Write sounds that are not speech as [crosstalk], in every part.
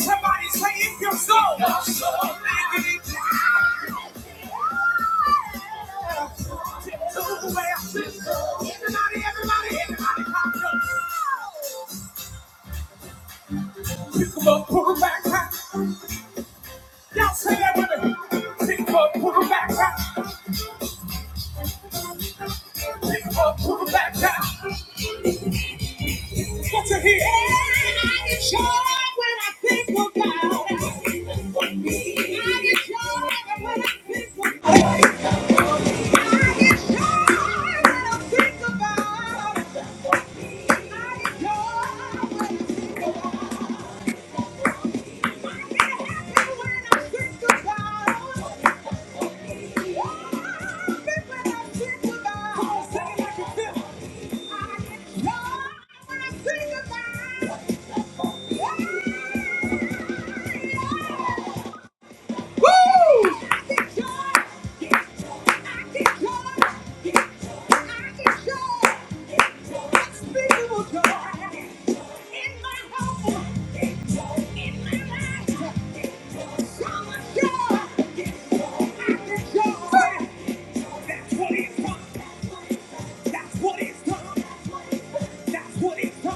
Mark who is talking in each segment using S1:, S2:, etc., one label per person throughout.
S1: Somebody say if you're so, so, make it die. Everybody, everybody, everybody, pop up. Pick 'em up, put 'em back down. Y'all say that with me. Pick 'em up, put 'em back down. Pick 'em up, put 'em back down. What you hear? I get joy when I think about it. I get joy when I think about it. I get joy when I think about it. Yeah. That's what it's done. That's what it's done. That's what it's done.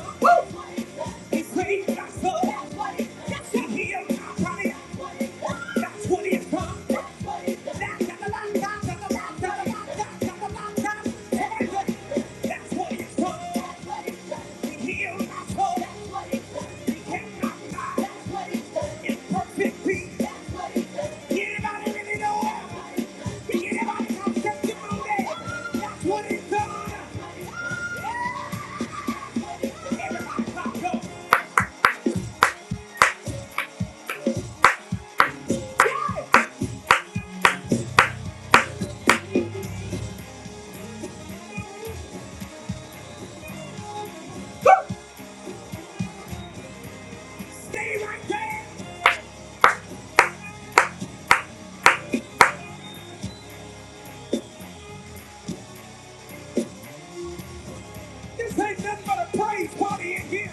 S1: It's saved my soul. That's what it's done. He healed my body. That's what it's done. That's what it's done. He healed my soul. He kept my mind in perfect peace. Anybody really know it? Anybody got testimony? That's what it's done. Everybody clap go. Stay right there. This ain't nothing but a praise party in here.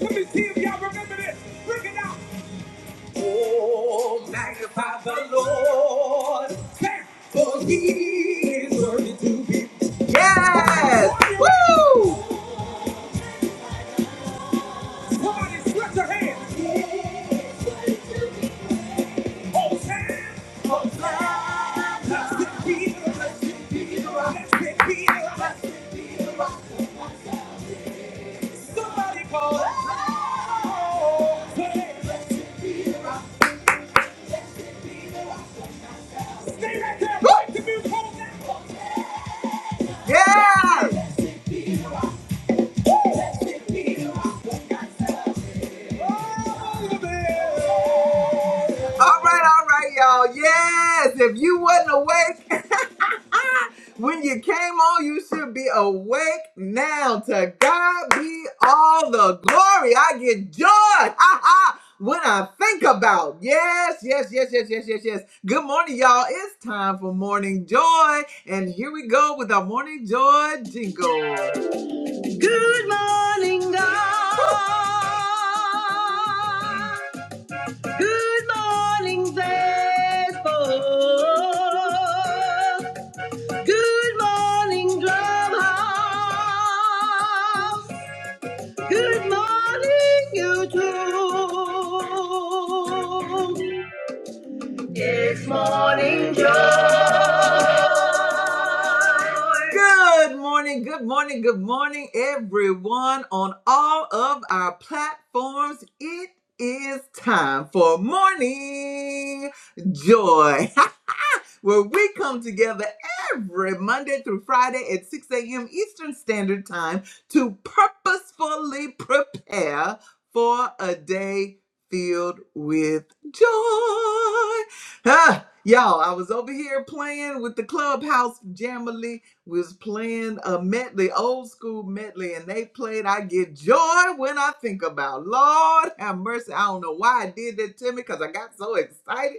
S1: Let me see if y'all remember this. Look it out. Oh, magnify the Lord. Say, For he Yes! Somebody call your hand. Hosanna. Hosanna. Blessed be the Blessed be the rock. Blessed be the rock. Blessed be the Stay right there. Yeah. Oh, All right, all right, y'all. Yes, if you wasn't awake [laughs] when you came on, you should be awake now. To God be all the glory. I get joy. [laughs] When I think about yes, yes, yes, yes, yes, yes, yes. Good morning, y'all. It's time for morning joy, and here we go with our morning joy jingle. Good morning, God. Good morning, the good morning, Clubhouse. Good morning, good morning, good morning, everyone on all of our platforms. It is time for morning joy. where we come together every Monday through Friday at 6 a.m. Eastern Standard Time to purposefully prepare for a day filled with joy. Ah, y'all, I was over here playing with the clubhouse jamily. We Was playing a medley, old school medley, and they played "I Get Joy When I Think About." Lord have mercy, I don't know why I did that to me because I got so excited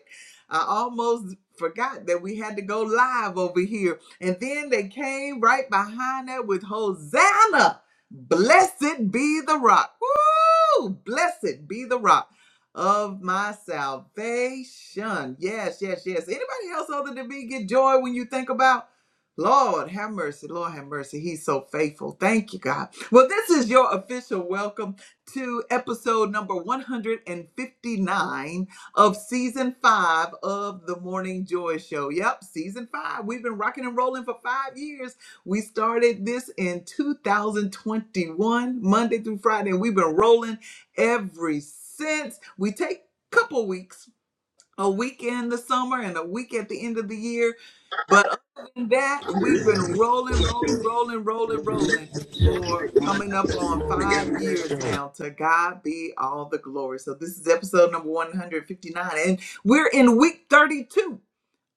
S1: I almost forgot that we had to go live over here. And then they came right behind that with Hosanna. Blessed be the rock. Woo! Blessed be the rock of my salvation. Yes, yes, yes. Anybody else other than me get joy when you think about? Lord, have mercy. Lord, have mercy. He's so faithful. Thank you, God. Well, this is your official welcome to episode number 159 of season five of the Morning Joy Show. Yep, season five. We've been rocking and rolling for five years. We started this in 2021, Monday through Friday, and we've been rolling every since. We take a couple weeks. A week in the summer and a week at the end of the year but other than that, we've been rolling, rolling, rolling, rolling, rolling for coming up on five years now. To God be all the glory. So this is episode number 159, and we're in week 32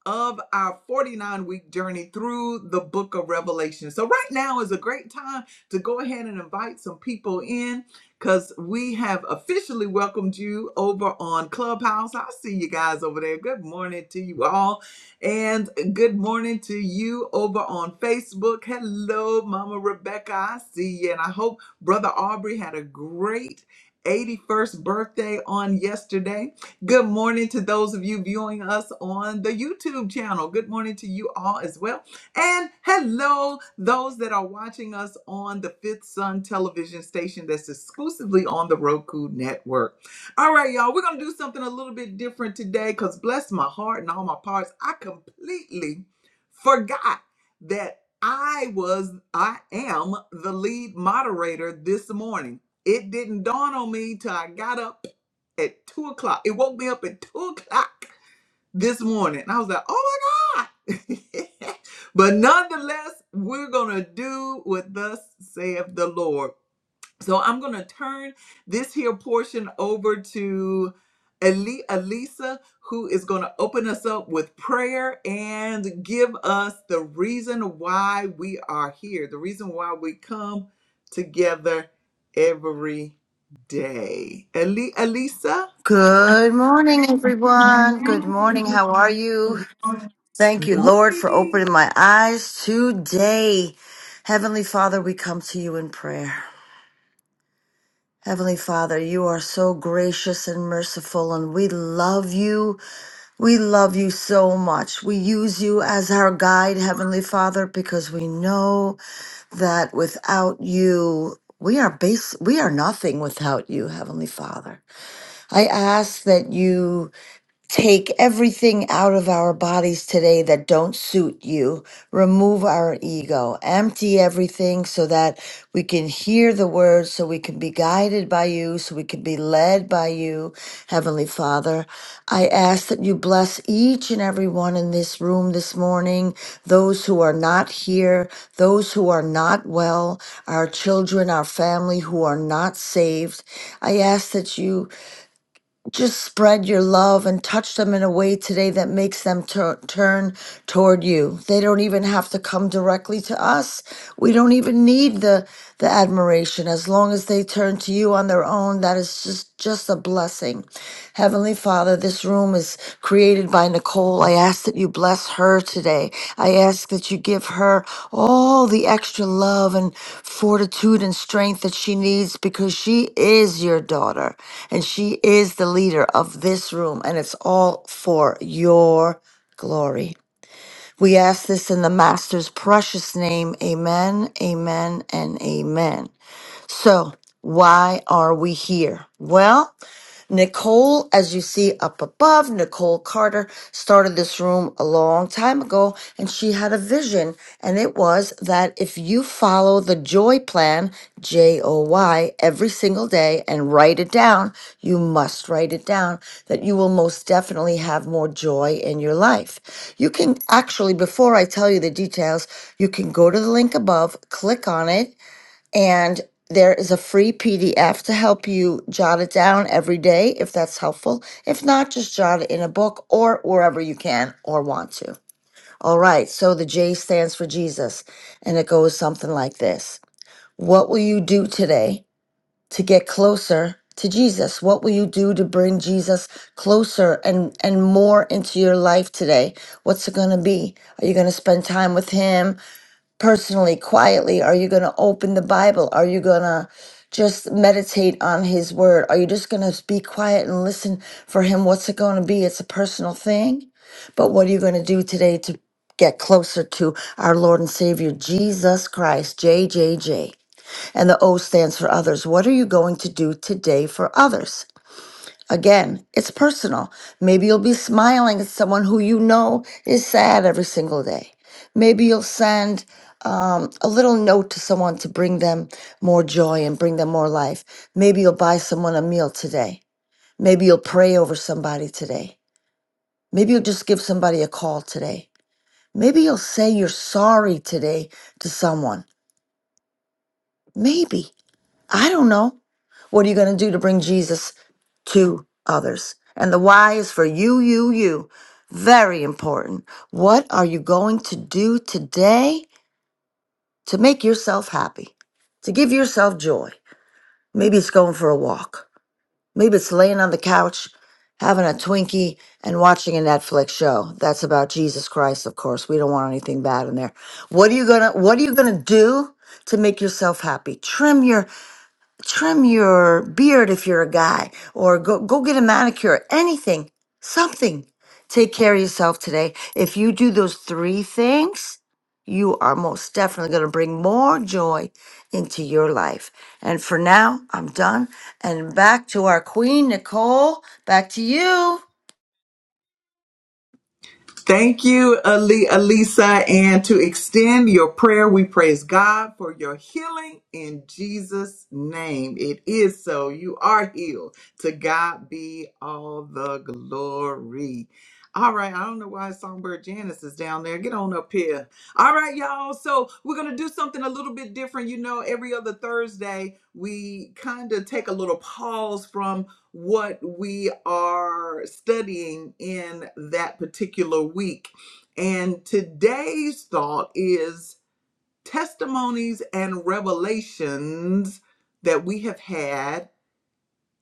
S1: of our 49 week journey through the book of Revelation. So, right now is a great time to go ahead and invite some people in because we have officially welcomed you over on Clubhouse. I see you guys over there. Good morning to you all, and good morning to you over on Facebook. Hello, Mama Rebecca. I see you, and I hope Brother Aubrey had a great 81st birthday on yesterday. Good morning to those of you viewing us on the YouTube channel. Good morning to you all as well. And hello, those that are watching us on the Fifth Sun television station that's exclusively on the Roku network. All right, y'all, we're going to do something a little bit different today because bless my heart and all my parts, I completely forgot that I was, I am the lead moderator this morning. It didn't dawn on me till I got up at two o'clock. It woke me up at two o'clock this morning. And I was like, oh my God. [laughs] but nonetheless, we're going to do what thus saith the Lord. So I'm going to turn this here portion over to Ali- Elisa, who is going to open us up with prayer and give us the reason why we are here, the reason why we come together every day. Ali- Elisa?
S2: Good morning, everyone. Good morning. How are you? Thank you, Lord, for opening my eyes today. Heavenly Father, we come to you in prayer. Heavenly Father, you are so gracious and merciful, and we love you. We love you so much. We use you as our guide, Heavenly Father, because we know that without you, we are base we are nothing without you heavenly father i ask that you Take everything out of our bodies today that don't suit you. Remove our ego. Empty everything so that we can hear the word, so we can be guided by you, so we can be led by you, Heavenly Father. I ask that you bless each and every one in this room this morning, those who are not here, those who are not well, our children, our family who are not saved. I ask that you just spread your love and touch them in a way today that makes them tur- turn toward you. They don't even have to come directly to us. We don't even need the the admiration as long as they turn to you on their own. That is just just a blessing. Heavenly Father, this room is created by Nicole. I ask that you bless her today. I ask that you give her all the extra love and fortitude and strength that she needs because she is your daughter and she is the leader of this room, and it's all for your glory. We ask this in the Master's precious name. Amen, amen, and amen. So, why are we here? Well, Nicole, as you see up above, Nicole Carter started this room a long time ago and she had a vision. And it was that if you follow the joy plan, J O Y, every single day and write it down, you must write it down, that you will most definitely have more joy in your life. You can actually, before I tell you the details, you can go to the link above, click on it and there is a free PDF to help you jot it down every day if that's helpful. If not, just jot it in a book or wherever you can or want to. All right, so the J stands for Jesus, and it goes something like this What will you do today to get closer to Jesus? What will you do to bring Jesus closer and, and more into your life today? What's it going to be? Are you going to spend time with Him? personally, quietly? Are you going to open the Bible? Are you going to just meditate on His Word? Are you just going to be quiet and listen for Him? What's it going to be? It's a personal thing. But what are you going to do today to get closer to our Lord and Savior, Jesus Christ, J J J, And the O stands for others. What are you going to do today for others? Again, it's personal. Maybe you'll be smiling at someone who you know is sad every single day. Maybe you'll send um, a little note to someone to bring them more joy and bring them more life. Maybe you'll buy someone a meal today. Maybe you'll pray over somebody today. Maybe you'll just give somebody a call today. Maybe you'll say you're sorry today to someone. Maybe. I don't know. What are you going to do to bring Jesus to others? And the why is for you, you, you. Very important. What are you going to do today to make yourself happy, to give yourself joy? Maybe it's going for a walk. Maybe it's laying on the couch, having a Twinkie, and watching a Netflix show. That's about Jesus Christ, of course. We don't want anything bad in there. What are you gonna What are you gonna do to make yourself happy? Trim your trim your beard if you're a guy or go go get a manicure anything something take care of yourself today if you do those three things you are most definitely going to bring more joy into your life and for now i'm done and back to our queen nicole back to you
S1: Thank you, Ali, Alisa. And to extend your prayer, we praise God for your healing in Jesus' name. It is so. You are healed. To God be all the glory. All right, I don't know why Songbird Janice is down there. Get on up here. All right, y'all. So, we're going to do something a little bit different. You know, every other Thursday, we kind of take a little pause from what we are studying in that particular week. And today's thought is testimonies and revelations that we have had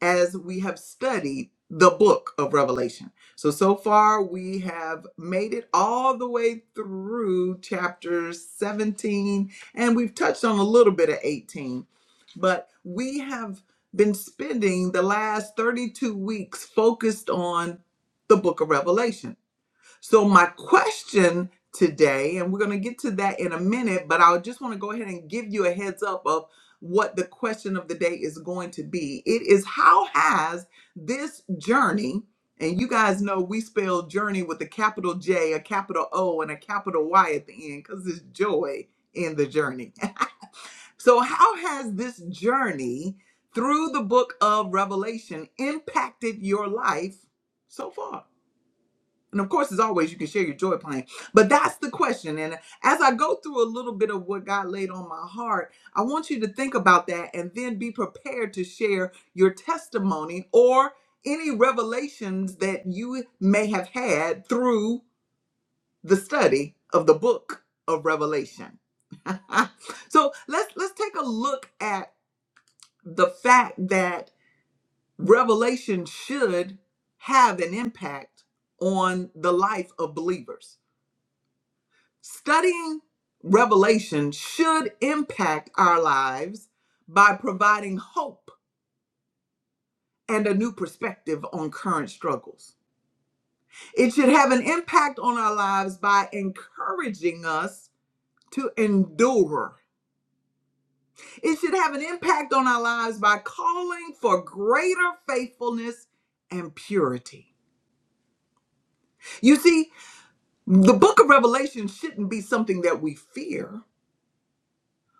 S1: as we have studied the book of Revelation. So, so far we have made it all the way through chapter 17, and we've touched on a little bit of 18, but we have been spending the last 32 weeks focused on the book of Revelation. So, my question today, and we're going to get to that in a minute, but I just want to go ahead and give you a heads up of what the question of the day is going to be. It is how has this journey, and you guys know we spell journey with a capital J, a capital O, and a capital Y at the end because it's joy in the journey. [laughs] So, how has this journey through the book of Revelation impacted your life so far? And of course, as always, you can share your joy plan. But that's the question. And as I go through a little bit of what God laid on my heart, I want you to think about that and then be prepared to share your testimony or any revelations that you may have had through the study of the book of Revelation. [laughs] so let's let's take a look at the fact that revelation should have an impact on the life of believers Studying Revelation should impact our lives by providing hope and a new perspective on current struggles. It should have an impact on our lives by encouraging us to endure. It should have an impact on our lives by calling for greater faithfulness and purity. You see, the book of Revelation shouldn't be something that we fear.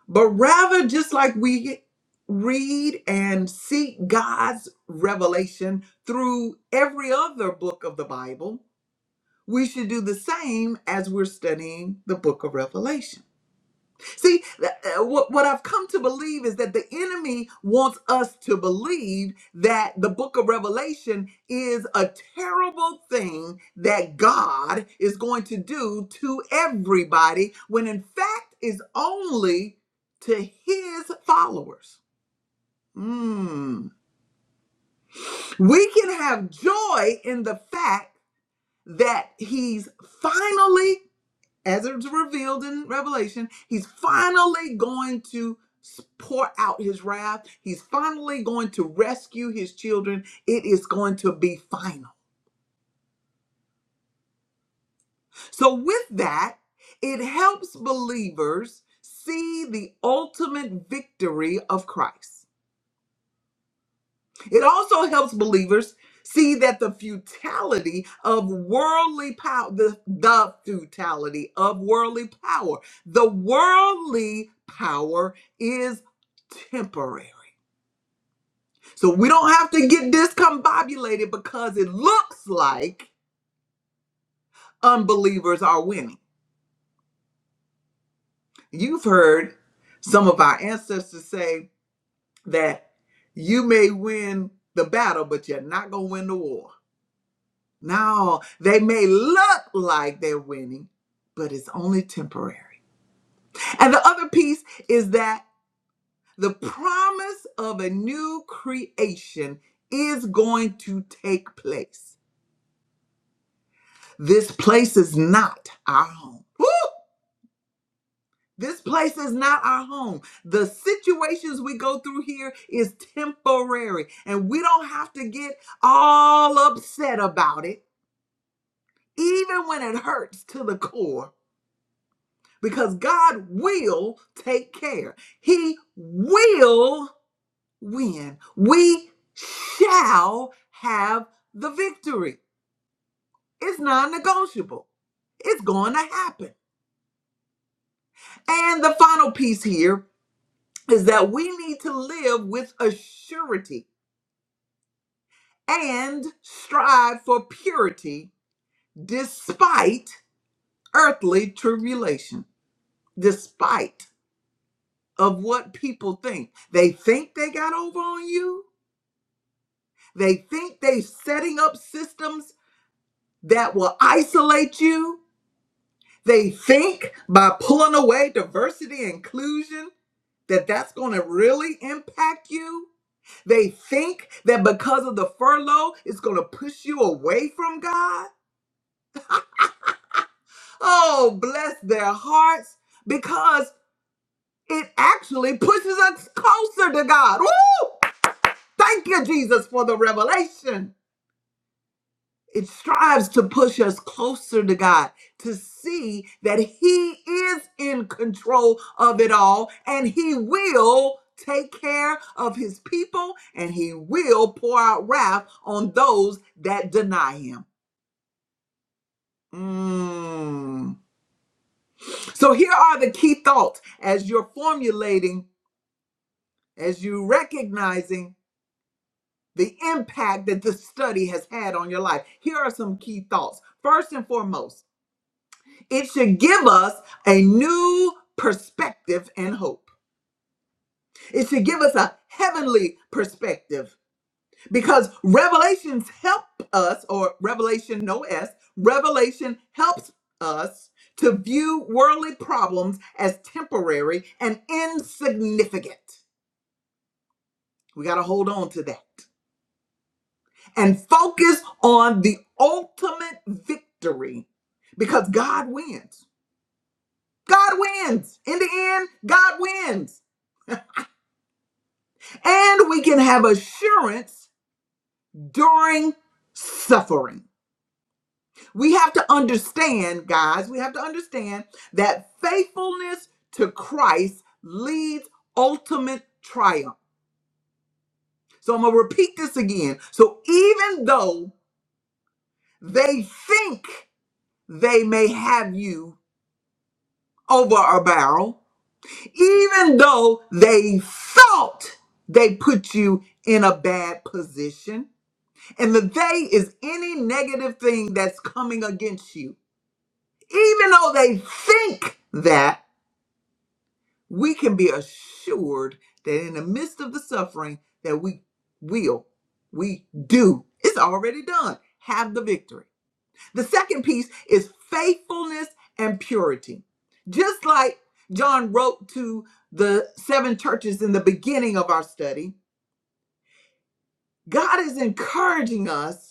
S1: but rather just like we read and seek God's revelation through every other book of the Bible, we should do the same as we're studying the book of Revelation. See, uh, what, what I've come to believe is that the enemy wants us to believe that the book of Revelation is a terrible thing that God is going to do to everybody, when in fact is only to his followers. Mm. We can have joy in the fact that he's finally as it's revealed in Revelation, he's finally going to pour out his wrath. He's finally going to rescue his children. It is going to be final. So, with that, it helps believers see the ultimate victory of Christ. It also helps believers see that the futility of worldly power, the, the futility of worldly power, the worldly power is temporary. So we don't have to get discombobulated because it looks like unbelievers are winning. You've heard some of our ancestors say that you may win the battle, but you're not going to win the war. No, they may look like they're winning, but it's only temporary. And the other piece is that the promise of a new creation is going to take place. This place is not our home. Woo! This place is not our home. The situations we go through here is temporary, and we don't have to get all upset about it, even when it hurts to the core because God will take care. He will win. We shall have the victory. It's non negotiable, it's going to happen. And the final piece here is that we need to live with a surety and strive for purity despite earthly tribulation, despite of what people think. They think they got over on you They think they're setting up systems that will isolate you. They think by pulling away diversity and inclusion that that's going to really impact you. They think that because of the furlough, it's going to push you away from God. Oh, bless their hearts because it actually pushes us closer to God. Woo! Thank you, Jesus, for the revelation. It strives to push us closer to God, to see that He is in control of it all and He will take care of His people and He will pour out wrath on those that deny Him. Mm. So here are the key thoughts as you're formulating, as you recognizing the impact that this study has had on your life. Here are some key thoughts. First and foremost, It should give us a new perspective and hope. It should give us a heavenly perspective because revelations help us, or revelation, no S, revelation helps us to view worldly problems as temporary and insignificant. We got to hold on to that and focus on the ultimate victory because God wins. God wins. In the end, God wins. and we can have assurance during suffering. We have to understand, guys, we have to understand that faithfulness to Christ leads ultimate triumph. So I'm going to repeat this again. So even though they think they may have you over a barrel, even though they thought they put you in a bad position, And the they is any negative thing that's coming against you. Even though they think that, we can be assured that in the midst of the suffering that we will, we do. It's already done. Have the victory. The second piece is faithfulness and purity. Just like John wrote to the seven churches in the beginning of our study, God is encouraging us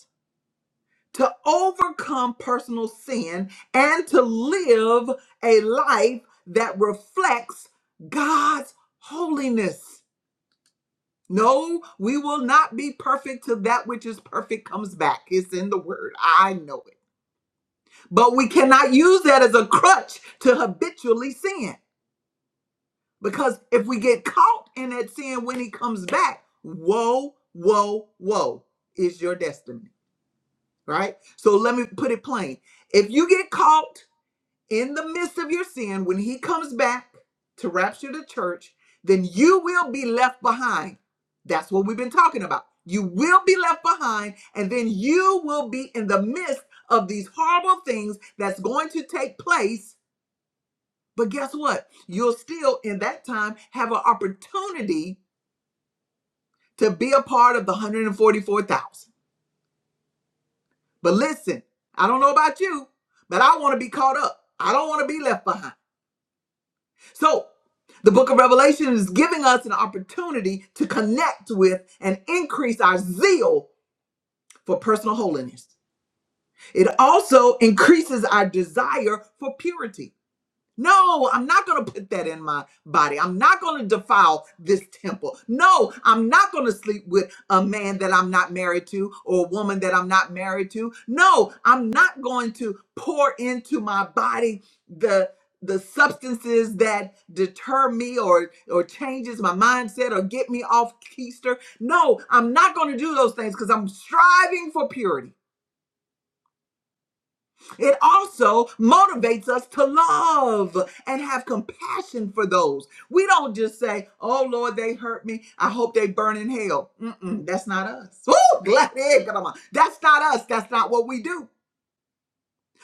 S1: to overcome personal sin and to live a life that reflects God's holiness. No, we will not be perfect till that which is perfect comes back. It's in the word. I know it. But we cannot use that as a crutch to habitually sin because if we get caught in that sin when he comes back, woe, woe, woe is your destiny, right? So let me put it plain. If you get caught in the midst of your sin, when he comes back to rapture the church, then you will be left behind. That's what we've been talking about. You will be left behind, and then you will be in the midst of these horrible things that's going to take place. But guess what? You'll still, in that time, have an opportunity to be a part of the 144,000. But listen, I don't know about you, but I want to be caught up. I don't want to be left behind. So, the book of Revelation is giving us an opportunity to connect with and increase our zeal for personal holiness. It also increases our desire for purity. No, I'm not going to put that in my body. I'm not going to defile this temple. No, I'm not going to sleep with a man that I'm not married to or a woman that I'm not married to. No, I'm not going to pour into my body the the substances that deter me or or changes my mindset or get me off keister. No, I'm not going to do those things cuz I'm striving for purity. It also motivates us to love and have compassion for those. We don't just say, oh Lord, they hurt me. I hope they burn in hell. Mm-mm, that's not us. [laughs] Ooh, glad they- come on. That's not us. That's not what we do.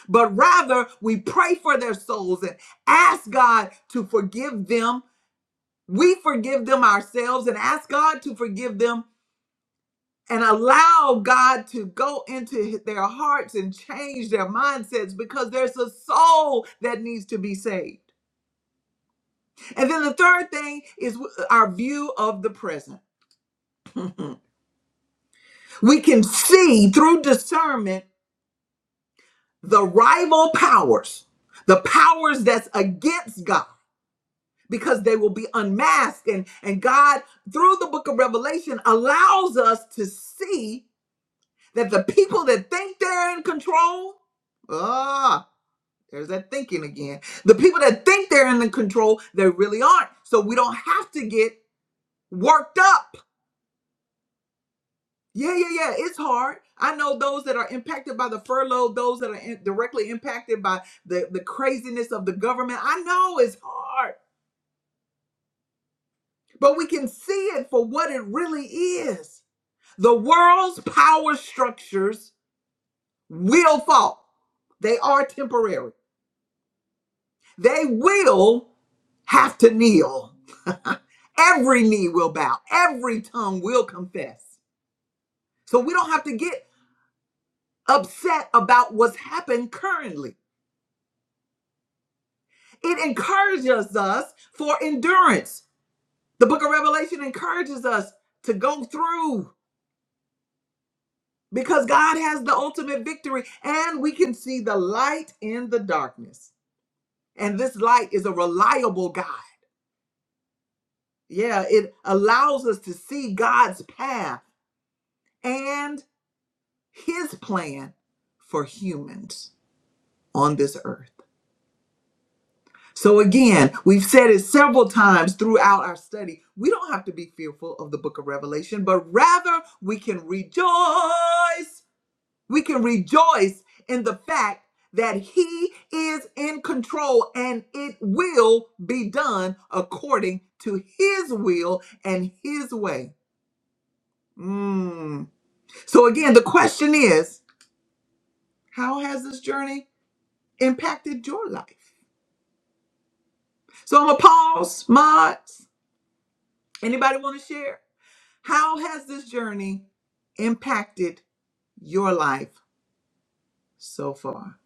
S1: But rather, we pray for their souls and ask God to forgive them. We forgive them ourselves and ask God to forgive them and allow God to go into their hearts and change their mindsets because there's a soul that needs to be saved. And then the third thing is our view of the present. [laughs] We can see through discernment the rival powers, the powers that's against God, because they will be unmasked. And, and God, through the book of Revelation, allows us to see that the people that think they're in control. ah, There's that thinking again. The people that think they're in the control, they really aren't. So we don't have to get worked up. Yeah, yeah, yeah. It's hard. I know those that are impacted by the furlough, those that are in- directly impacted by the, the craziness of the government. I know it's hard, but we can see it for what it really is. The world's power structures will fall, they are temporary. They will have to kneel. [laughs] every knee will bow, every tongue will confess. So we don't have to get upset about what's happened currently. It encourages us for endurance. The book of Revelation encourages us to go through because God has the ultimate victory and we can see the light in the darkness. And this light is a reliable guide. Yeah, it allows us to see God's path and. his plan for humans on this earth. So, again, we've said it several times throughout our study. We don't have to be fearful of the book of Revelation, but rather we can rejoice. We can rejoice in the fact that he is in control and it will be done according to his will and his way. Mm. So, again, the question is how has this journey impacted your life? So I'm gonna pause, mods. Anybody want to share? How has this journey impacted your life so far?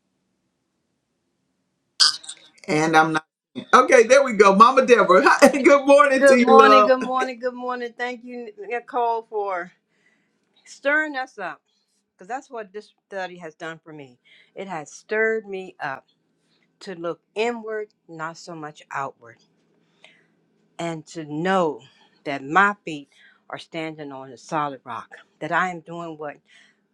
S1: And I'm not okay. There we go, Mama Deborah. [laughs] Hi, good morning to
S3: Good
S1: you,
S3: morning,
S1: love.
S3: good morning, good morning. Thank you, Nicole, for stirring us up because that's what this study has done for me. It has stirred me up to look inward, not so much outward, and to know that my feet are standing on a solid rock, that I am doing what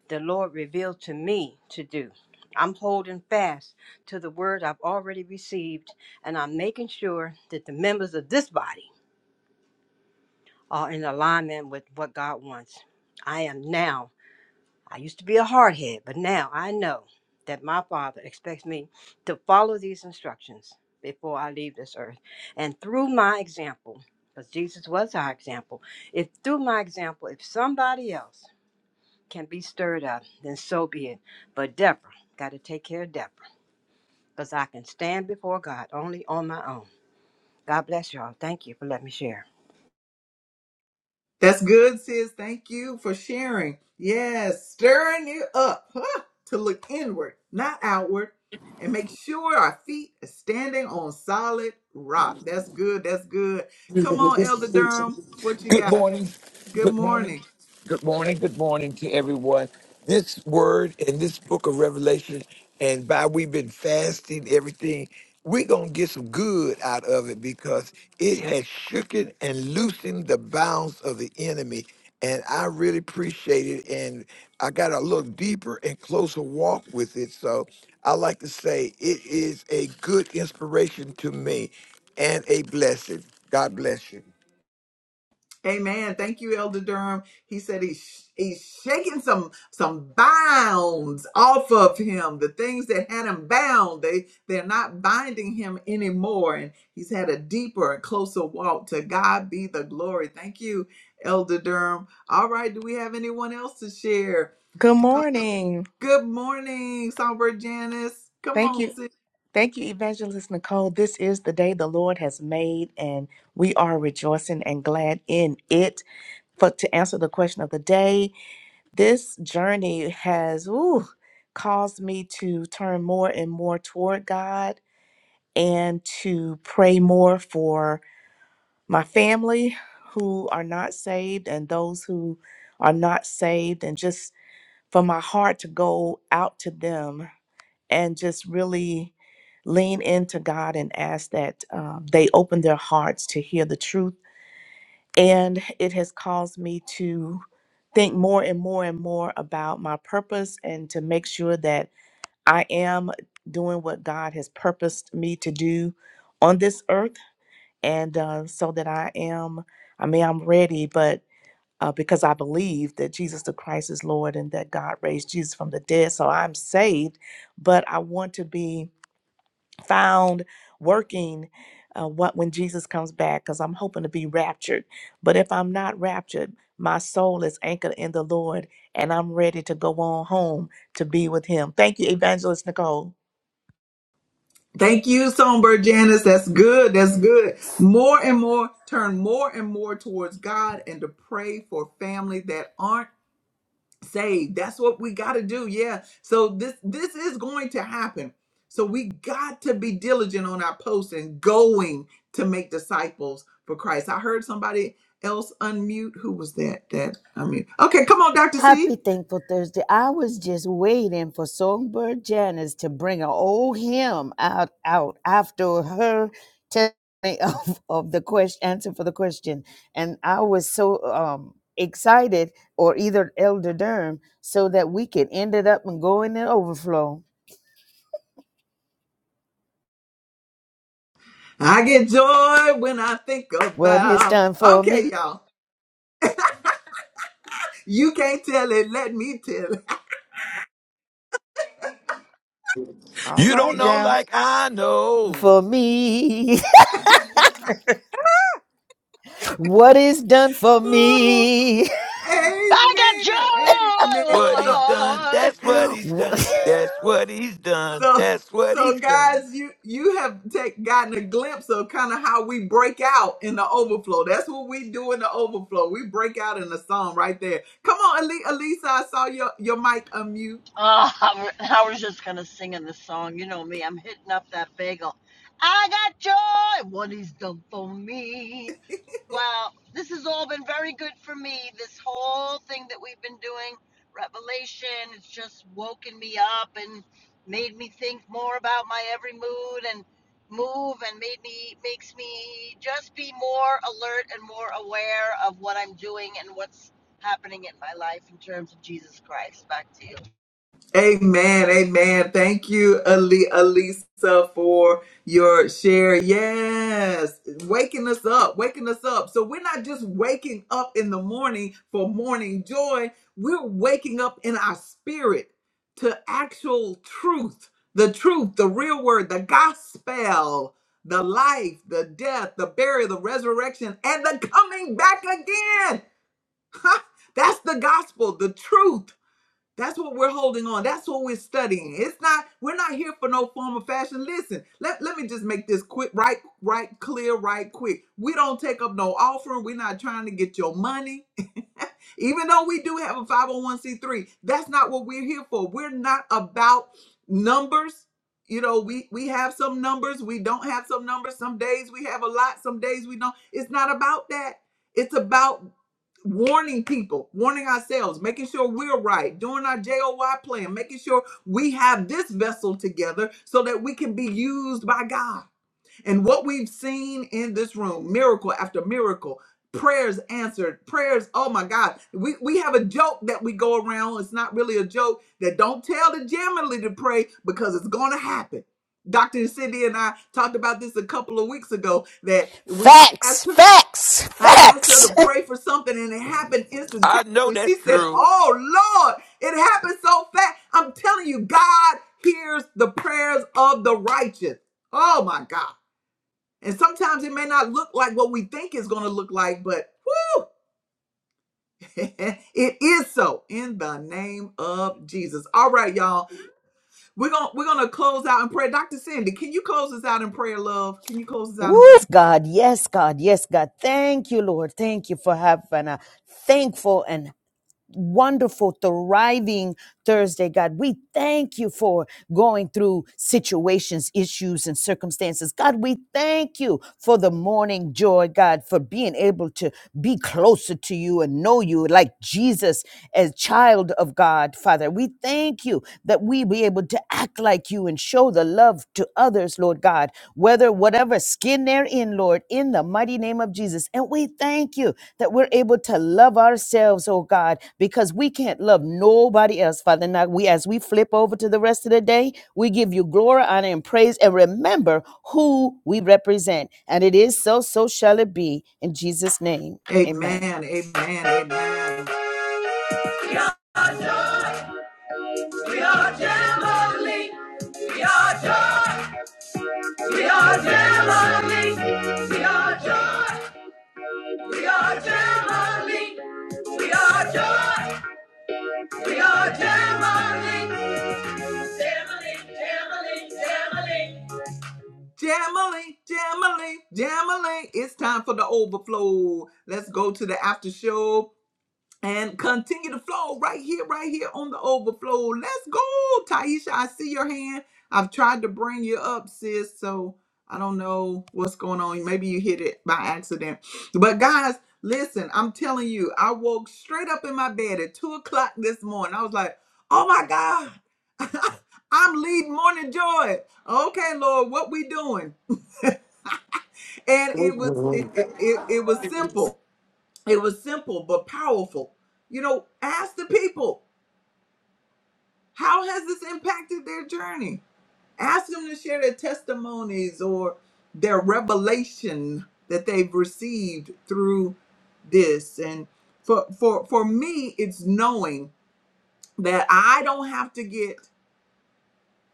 S3: the Lord revealed to me to do. I'm holding fast to the word I've already received, and I'm making sure that the members of this body are in alignment with what God wants. I am now. I used to be a hardhead, but now I know that my Father expects me to follow these instructions before I leave this earth. And through my example, because Jesus was our example, if through my example, if somebody else can be stirred up, then so be it. But Deborah, got to take care of Deborah, because I can stand before God only on my own. God bless y'all. Thank you for letting me share.
S1: That's good, sis. Thank you for sharing. Yes, stirring you up huh, to look inward, not outward, and make sure our feet are standing on solid rock. That's good. That's good. Come
S4: Good
S1: on, Elder Durham. What you got?
S4: morning.
S1: Good
S4: Good morning.
S1: morning.
S4: Good morning. Good morning to everyone. This word in this book of Revelation, and by we've been fasting, everything, we're going to get some good out of it because it has shooken and loosened the bounds of the enemy. And I really appreciate it. And I got a little deeper and closer walk with it. So I like to say it is a good inspiration to me and a blessing. God bless you.
S1: Amen. Thank you, Elder Durham. He said he's he's shaking some some bounds off of him. The things that had him bound, they they're not binding him anymore. And he's had a deeper and closer walk. To God be the glory. Thank you, Elder Durham. All right, do we have anyone else to share?
S5: Good morning.
S1: Good morning, Songbird Janice. Come
S5: Thank you.
S1: on,
S5: Thank you, Evangelist Nicole. This is the day the Lord has made, and we are rejoicing and glad in it. For to answer the question of the day, this journey has ooh, caused me to turn more and more toward God and to pray more for my family who are not saved and those who are not saved, and just for my heart to go out to them and just really lean into God and ask that uh, they open their hearts to hear the truth. And it has caused me to think more and more and more about my purpose and to make sure that I am doing what God has purposed me to do on this earth. And uh, so that I am, I mean, I'm ready, but uh, because I believe that Jesus the Christ is Lord and that God raised Jesus from the dead. So I'm saved, but I want to be found working uh, what when Jesus comes back because I'm hoping to be raptured. But if I'm not raptured, my soul is anchored in the Lord and I'm ready to go on home to be with him. Thank you, Evangelist Nicole.
S1: Thank you, Songbird Janice. That's good. That's good. More and more, turn more and more towards God and to pray for family that aren't saved. That's what we got to do. Yeah. So this this is going to happen. So we got to be diligent on our posts and going to make disciples for Christ. I heard somebody else unmute. Who was that? That I mean, okay, come on, Doctor
S6: Happy
S1: C.
S6: Thankful Thursday. I was just waiting for Songbird Janice to bring an old hymn out, out after her testimony [laughs] of, of the question, answer for the question. And I was so um, excited, or either Elder Durham, so that we could end it up and go in the overflow.
S1: I get joy when I think
S6: What is
S1: about.
S6: done for me?
S1: Okay, y'all. You can't tell it. Let me tell it. [laughs]
S5: All
S4: You don't
S5: right
S4: know
S1: Yeah.
S5: now.
S4: like I know
S6: For me, [laughs] what is done for
S1: Ooh,
S6: me?
S2: I
S1: amen. Amen.
S4: what
S1: So,
S4: he's done.
S2: got joy.
S4: That's what he's done.
S6: [laughs]
S4: That's what he's done.
S1: so,
S4: That's what
S1: so,
S4: he's done.
S1: guys, you you have take, gotten a glimpse of kind of how we break out in the overflow. That's what we do in the overflow. We break out in the song right there. Come on, Ali- Elisa. I saw your your mic unmute.
S2: Oh, I was just gonna sing in the song. You know me, I'm hitting up that bagel. I got joy, what he's done for me. Wow, this has all been very good for me. This whole thing that we've been doing, Revelation, it's just woken me up and made me think more about my every mood and move and made me makes me just be more alert and more aware of what I'm doing and what's happening in my life in terms of Jesus Christ. Back to you.
S1: Amen. Amen. Thank you, Ali- Alisa, for your share. Yes. Waking us up, waking us up. So we're not just waking up in the morning for morning joy, we're waking up in our spirit to actual truth the truth, the real word, the gospel, the life, the death, the burial, the resurrection, and the coming back again. [laughs] That's the gospel, the truth that's what we're holding on. That's what we're studying. It's not, we're not here for no form of fashion. Listen, let, let me just make this quick, right, right, clear, right quick. We don't take up no offering. We're not trying to get your money. [laughs] Even though we do have a 501c3, that's not what we're here for. We're not about numbers. You know, we we have some numbers, we don't have some numbers. Some days we have a lot, some days we don't. It's not about that. It's about warning people, warning ourselves, making sure we're right, doing our JOY plan, making sure we have this vessel together so that we can be used by God. And what we've seen in this room, miracle after miracle, prayers answered, prayers, oh my God. We we have a joke that we go around. It's not really a joke that don't tell the Gemini to pray because it's gonna happen. Dr. Cindy and I talked about this a couple of weeks ago that we I
S6: Facts,
S1: asked her
S6: facts,
S1: I asked her
S6: facts.
S1: to pray for something and it happened instantaneously.
S4: I know that's
S1: She said,
S4: true.
S1: Oh Lord, it happened so fast. I'm telling you, God hears the prayers of the righteous. Oh my God. And sometimes it may not look like what we think it's going to look like, but whoo, [laughs] it is so in the name of Jesus. All right, y'all. We're going to we're going to close out in prayer. Dr. Cindy, can you close us out in prayer, love? Can you close us out in
S6: Woof,
S1: prayer?
S6: God, yes, God, yes, God. Thank you, Lord. Thank you for having a thankful and wonderful, thriving Thursday, God. We thank you for going through situations, issues, and circumstances. God, we thank you for the morning joy, God, for being able to be closer to you and know you like Jesus as child of God, Father. We thank you that we be able to act like you and show the love to others, Lord God, whether whatever Cover skin therein, Lord, in the mighty name of Jesus. And we thank you that we're able to love ourselves, oh God, because we can't love nobody else, Father. Now, we as we flip over to the rest of the day, we give you glory, honor, and praise, and remember who we represent. And it is so, so shall it be. In Jesus' name, amen.
S1: Amen. Amen. Amen. We are Jamali, We are joy. We are Jamali, We are joy. We are Jamali, We are joy. We are Jamali, Jamali, Jamali, Jamali, Jamali, Jamali, Jamali. It's time for the overflow. Let's go to the after show. and continue to flow right here, right here on the overflow. Let's go, Taisha. I see your hand. I've tried to bring you up, sis. So I don't know what's going on. Maybe you hit it by accident. But guys, listen, I'm telling you, I woke straight up in my bed at two o'clock this morning. I was like, oh my God. I'm leading morning joy. Okay, Lord, what we doing? And it was it, it, it it was simple. It was simple but powerful. You know, ask the people. How has this impacted their journey? Ask them to share their testimonies or their revelation that they've received through this. And for for for me, it's knowing that I don't have to get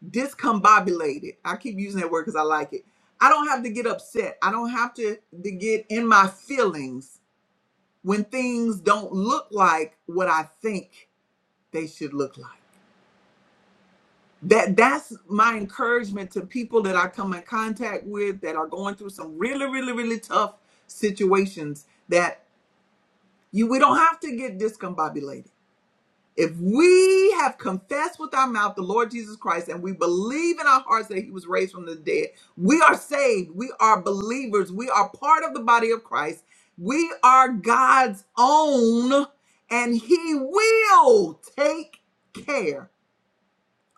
S1: discombobulated. I keep using that word because I like it. I don't have to get upset. I don't have to, to get in my feelings when things don't look like what I think they should look like. that that's my encouragement to people that I come in contact with that are going through some really, really, really tough situations that you we don't have to get discombobulated. If we have confessed with our mouth the Lord Jesus Christ and we believe in our hearts that he was raised from the dead, we are saved. We are believers. We are part of the body of Christ. We are God's own and he will take care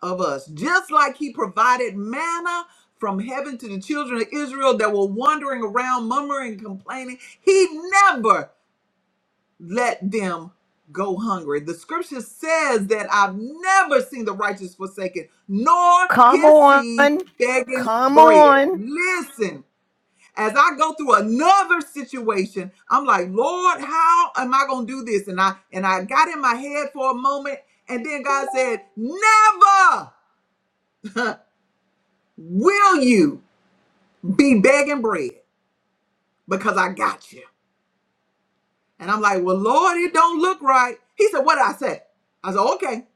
S1: of us, just like he provided manna from heaven to the children of Israel that were wandering around, murmuring, and complaining. He never let them go hungry. The scripture says that I've never seen the righteous forsaken, nor
S6: Come
S1: his
S6: on.
S1: seed begging
S6: Come
S1: bread.
S6: on.
S1: Listen. As I go through another situation, I'm like, Lord, how am I gonna do this? And I and I got in my head for a moment, and then God said, Never. Will you be begging bread? Because I got you. And I'm like, Well, Lord, it don't look right. He said, What did I say? I said, Okay.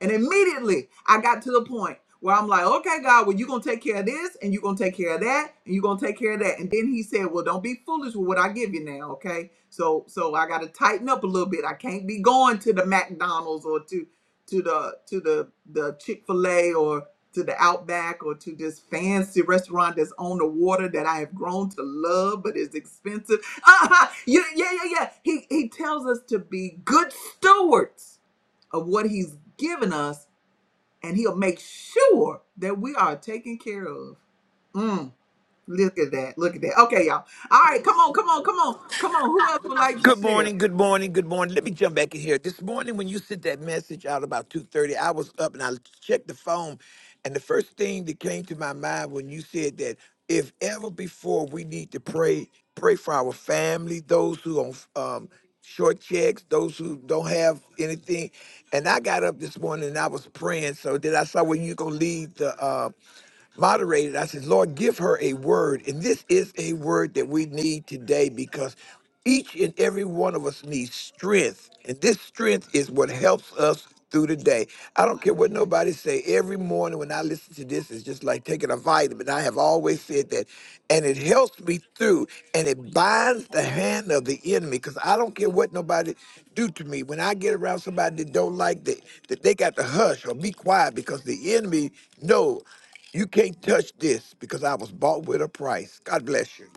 S1: And immediately I got to the point where I'm like, okay, God, well, you're going to take care of this and you're going to take care of that and you're going to take care of that. And then he said, well, don't be foolish with what I give you now. Okay. So, so I got to tighten up a little bit. I can't be going to the McDonald's or to, to the, to the, the Chick-fil-A or to the Outback or to this fancy restaurant that's on the water that I have grown to love but is expensive. [laughs] Uh-huh. Yeah, yeah, yeah, yeah. He, he tells us to be good stewards of what he's given us, and he'll make sure that we are taken care of. Mm, look at that. Look at that. Okay, y'all. All right, come on, come on, come on, come on. Who else would like to
S4: Good
S1: share?
S4: morning, good morning, good morning. Let me jump back in here. This morning when you sent that message out about 2.30, I was up and I checked the phone, and the first thing that came to my mind when you said that if ever before we need to pray, pray for our family, those who on um, short checks, those who don't have anything. And I got up this morning and I was praying. So then I saw when you going to lead the uh, moderated, I said, Lord, give her a word. And this is a word that we need today because each and every one of us needs strength. And this strength is what helps us through the day. I don't care what nobody say. Every morning when I listen to this, it's just like taking a vitamin. I have always said that. And it helps me through and it binds the hand of the enemy because I don't care what nobody do to me. When I get around somebody that don't like that, that they got to hush or be quiet because the enemy know. You can't touch this because I was bought with a price. God bless you.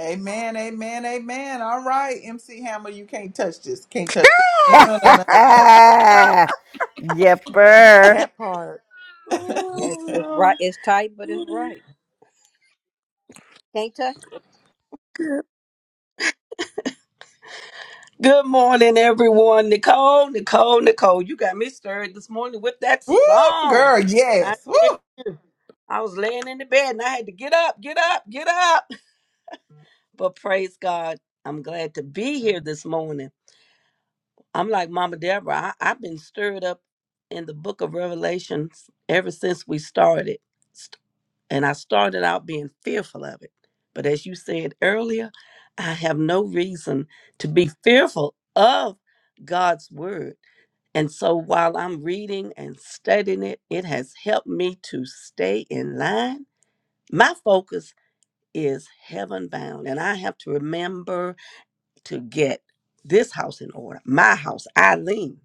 S1: Amen, amen, amen. All right, MC Hammer, you can't touch this. Can't touch this. No, no, no.
S6: [laughs] Yepper.
S5: That part.
S3: Yes,
S7: Oh,
S3: it's right.
S7: Lord.
S3: It's tight, but it's right. Can't touch.
S7: Good Good morning, everyone. Nicole, Nicole, Nicole, you got me stirred this morning with that
S1: Woo,
S7: song.
S1: girl,
S7: I
S1: yes. Woo.
S7: tell you, I was laying in the bed and I had to get up, get up, get up. But praise God, I'm glad to be here this morning. I'm like Mama Deborah, I, I've been stirred up in the book of Revelations ever since we started. and I started out being fearful of it. But as you said earlier, I have no reason to be fearful of God's word. And so while I'm reading and studying it, it has helped me to stay in line. My focus is heaven bound, and I have to remember to get this house in order, my house, Eileen,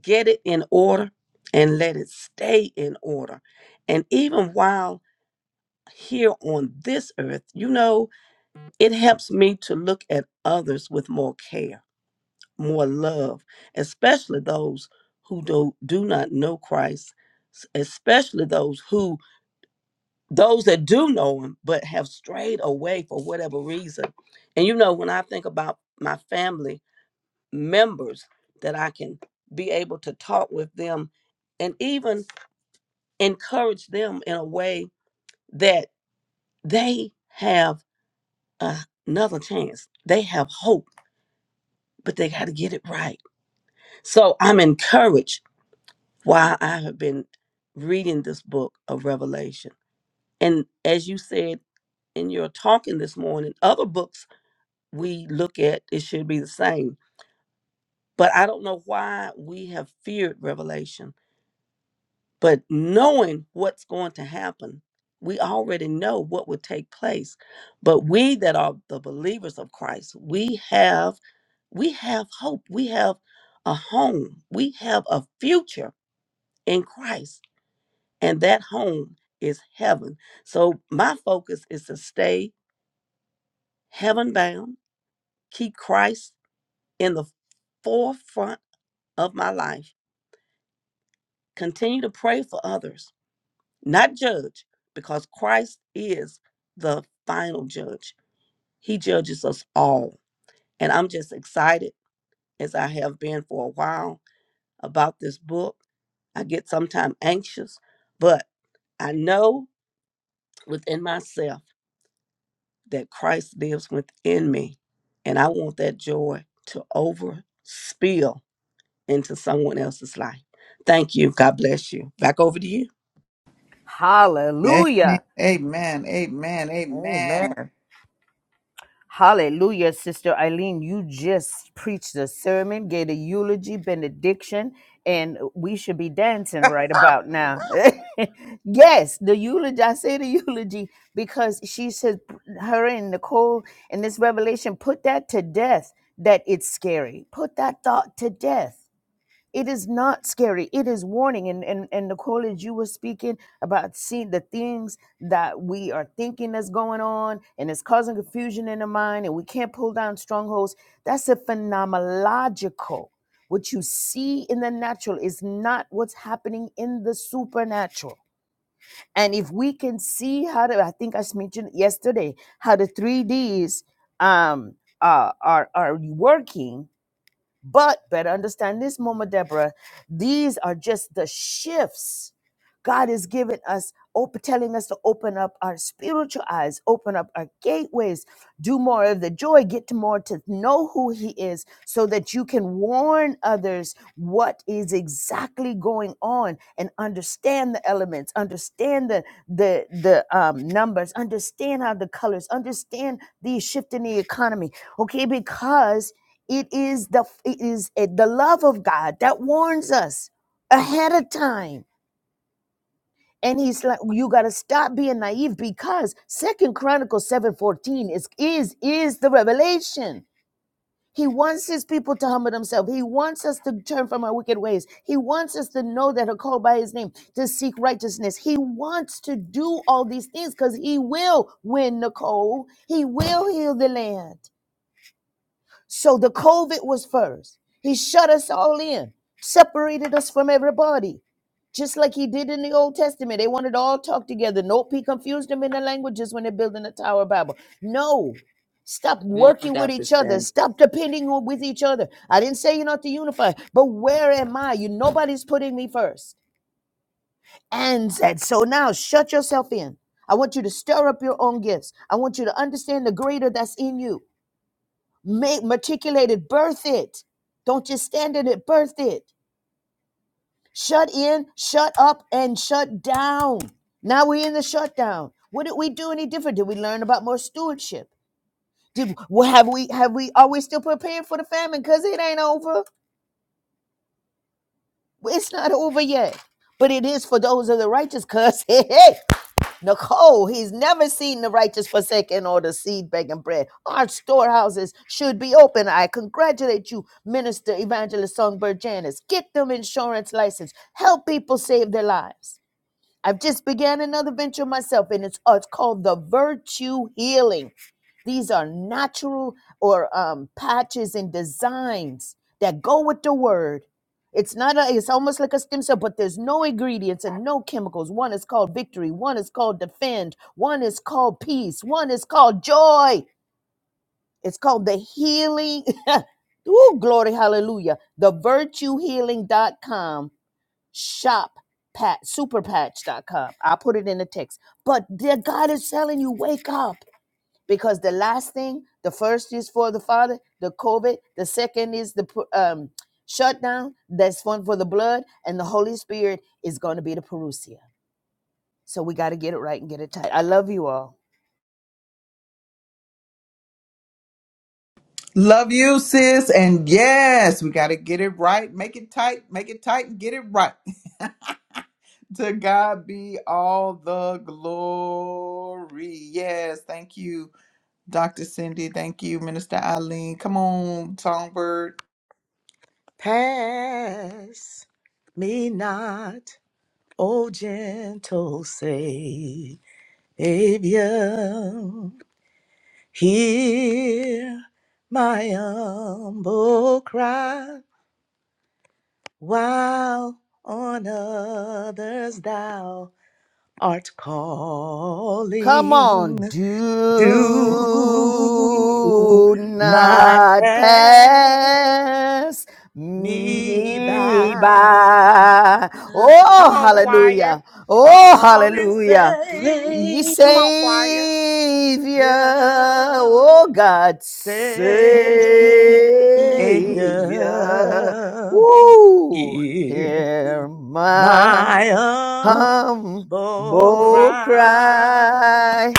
S7: get it in order and let it stay in order. And even while here on this earth, you know, it helps me to look at others with more care, more love, especially those who do, do not know Christ, s- especially those who those that do know him but have strayed away for whatever reason. And you know, when I think about my family members that I can be able to talk with them and even encourage them in a way that they have a- another chance. They have hope, but they got to get it right. So I'm encouraged while I have been reading this book of Revelation. And as you said in your talking this morning, other books we look at, it should be the same. But I don't know why we have feared Revelation But knowing what's going to happen, we already know what will take place. But we that are the believers of Christ, we have we have hope. We have a home. We have a future in Christ. And that home is heaven. So my focus is to stay heaven bound, keep Christ in the forefront of my life, continue to pray for others, not judge, because Christ is the final judge. He judges us all. And I'm just excited, as I have been for a while, about this book. I get sometimes anxious, but I know within myself that Christ lives within me. And I want that joy to over spill into someone else's life. Thank you. God bless you. Back over to you.
S1: Amen.
S6: Hallelujah.
S1: Amen. Amen. Amen.
S5: Amen.
S6: Hallelujah, Sister Eileen. You just preached the sermon, gave a eulogy, benediction, and we should be dancing right about now. [laughs] yes, the eulogy. I say the eulogy because she said, her and Nicole in this revelation, put that to death that it's scary. Put that thought to death it is not scary it is warning and and, and nicole as you were speaking about seeing the things that we are thinking that's going on and it's causing confusion in the mind and we can't pull down strongholds that's a phenomenological what you see in the natural is not what's happening in the supernatural and if we can see how to i think i mentioned yesterday how the 3ds um uh, are are working but better understand this, Mama Deborah. These are just the shifts God is giving us, op- telling us to open up our spiritual eyes, open up our gateways, do more of the joy, get to more to know who He is, so that you can warn others what is exactly going on and understand the elements, understand the the the um, numbers, understand how the colors, understand the shift in the economy. Okay, because it is the it is uh, the love of God that warns us ahead of time. And he's like, you gotta stop being naive because Second Chronicles 7:14 is is is the revelation. He wants his people to humble themselves. He wants us to turn from our wicked ways. He wants us to know that are called by his name, to seek righteousness. He wants to do all these things because he will win Nicole. He will heal the land. So the COVID was first. He shut us all in, separated us from everybody, just like he did in the Old Testament. They wanted to all talk together. Nope, he confused them in the languages when they're building the Tower Bible. No, stop
S8: Come on,
S6: working with
S8: Dr.
S6: each other.
S8: Sandy.
S6: Stop depending on with each other. I didn't say you're not to unify, but where am I? You nobody's putting me first. And said, so now shut yourself in. I want you to stir up your own gifts. I want you to understand the greater that's in you. Make matriculated, birth it. Don't just stand in it, birth it. Shut in, shut up, and shut down. Now we're in the shutdown. What did we do any different? Did we learn about more stewardship? Did well, have we have we are we still prepared for the famine? Cause it ain't over. It's not over yet. But it is for those of the righteous, cause [laughs] Nicole, he's never seen the righteous forsaken or the seed begging bread. Our storehouses should be open. I congratulate you, Minister Evangelist Songbird Janice. Get them insurance license. Help people save their lives. I've just began another venture myself, and it's uh, it's called the Virtue Healing. These are natural or um, patches and designs that go with the word. It's not a, it's almost like a stem cell, but there's no ingredients and no chemicals. One is called victory, one is called defend, one is called peace, one is called joy. It's called the healing. [laughs] Ooh, glory, hallelujah. The virtue healing dot com shop pat superpatch dot com. I'll put it in the text. But dear God is telling you, wake up. Because the last thing, the first is for the father, the COVID. The second is the um, shutdown. That's one for the blood. And the Holy Spirit is going to be the parousia. So we got to get it right and get it tight. I love you all.
S1: Love you, sis. And yes, we got to get it right. Make it tight. Make it tight and get it right. [laughs] to God be all the glory. Yes. Thank you, Dr. Cindy. Thank you, Minister Eileen. Come on, Songbird.
S5: Pass me not, O gentle Savior. Hear my humble cry, while on others thou art
S6: Come
S5: calling.
S6: on,
S5: Do
S6: do
S5: not
S6: not
S5: pass
S6: pass
S5: me
S6: me
S5: by.
S6: by.
S5: Come
S6: Oh,
S5: on, choir.
S6: hallelujah.
S5: I'm
S6: Oh,
S5: calling,
S6: hallelujah.
S5: say,
S6: Ye
S8: Lay
S5: come on, choir.
S6: Savior,
S5: Yeah.
S6: oh God,
S5: Savior,
S6: Savior, woo,
S5: hear
S6: hear my
S5: my
S8: off
S5: humble
S6: Humble
S5: cry.
S6: cry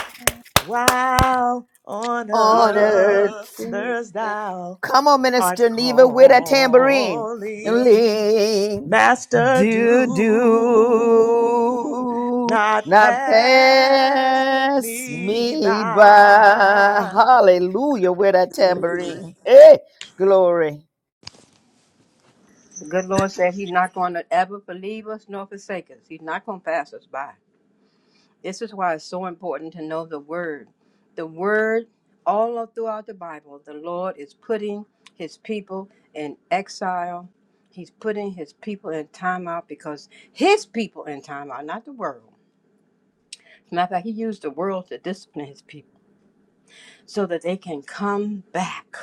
S5: While on
S6: on earth.
S8: the-
S5: others thou
S6: Come on,
S5: art
S6: Minister Neva, with a tambourine. and
S5: calling,
S6: Lean
S5: Master,
S6: do
S5: do
S6: do
S5: not
S6: not
S5: pass
S6: pass
S5: me
S6: me by.
S5: by.
S6: Hallelujah with a tambourine. Hey, glory.
S3: The good Lord said He's not going to ever believe us nor forsake us. He's not going to pass us by. This is why it's so important to know the Word. The Word, all throughout the Bible, the Lord is putting His people in exile. He's putting His people in timeout because His people in timeout, not the world. As a matter of fact, He used the world to discipline His people so that they can come back.